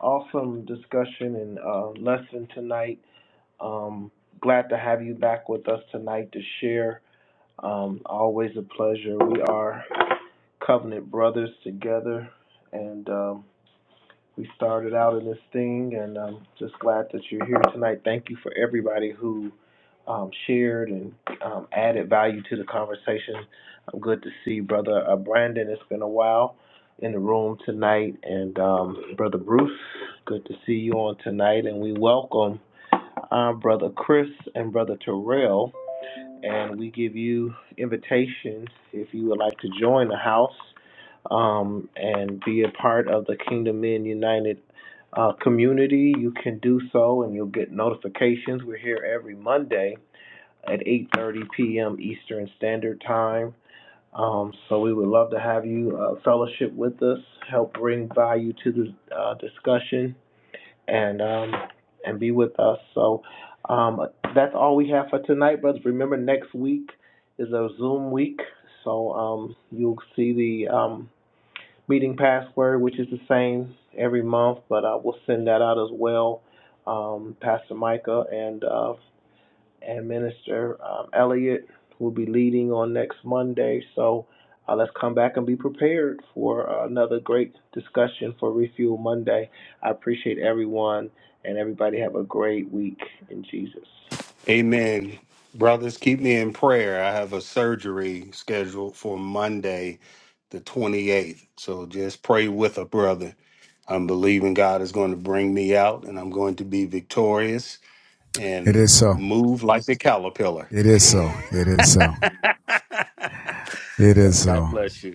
[SPEAKER 1] awesome discussion and uh, lesson tonight. Um, glad to have you back with us tonight to share. Um, always a pleasure. We are covenant brothers together, and um, we started out in this thing, and I'm just glad that you're here tonight. Thank you for everybody who um, shared and um, added value to the conversation. I'm good to see Brother uh, Brandon. It's been a while in the room tonight, and um, Brother Bruce. Good to see you on tonight, and we welcome our Brother Chris and Brother Terrell and we give you invitations if you would like to join the house um, and be a part of the Kingdom Men United uh, community. You can do so, and you'll get notifications. We're here every Monday at 8:30 p.m. Eastern Standard Time. Um, so we would love to have you uh, fellowship with us, help bring value to the uh, discussion and um, and be with us. So um, that's all we have for tonight, brothers. Remember, next week is a Zoom week, so um, you'll see the um, meeting password, which is the same every month, but uh, we'll send that out as well. Um, Pastor Micah and uh, and Minister um, Elliott will be leading on next Monday. So uh, let's come back and be prepared for uh, another great discussion for Refuel Monday. I appreciate everyone, and everybody have a great week in Jesus.
[SPEAKER 4] Amen. Brothers, keep me in prayer. I have a surgery scheduled for Monday, the 28th. So just pray with a brother. I'm believing God is going to bring me out and I'm going to be victorious
[SPEAKER 2] It
[SPEAKER 4] and
[SPEAKER 2] is so.
[SPEAKER 4] move like the caterpillar.
[SPEAKER 2] It
[SPEAKER 4] *laughs*
[SPEAKER 2] is so. It is so. It
[SPEAKER 4] so
[SPEAKER 2] is so.
[SPEAKER 4] God bless you.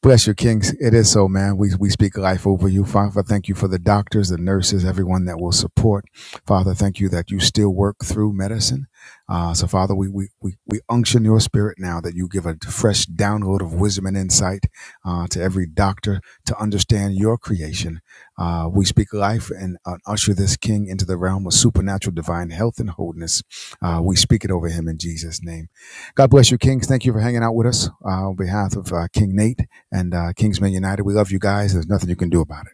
[SPEAKER 2] Bless your Kings. It is so, man. We, we speak life over you. Father, thank you for the doctors, the nurses, everyone that will support. Father, thank you that you still work through medicine. Uh, so, Father, we, we, we, we unction your spirit now that you give a fresh download of wisdom and insight uh, to every doctor to understand your creation. Uh, we speak life and uh, usher this King into the realm of supernatural divine health and wholeness. Uh, we speak it over him in Jesus' name. God bless you, Kings. Thank you for hanging out with us uh, on behalf of uh, King Nate and uh, Kingsman United. We love you guys. There's nothing you can do about it.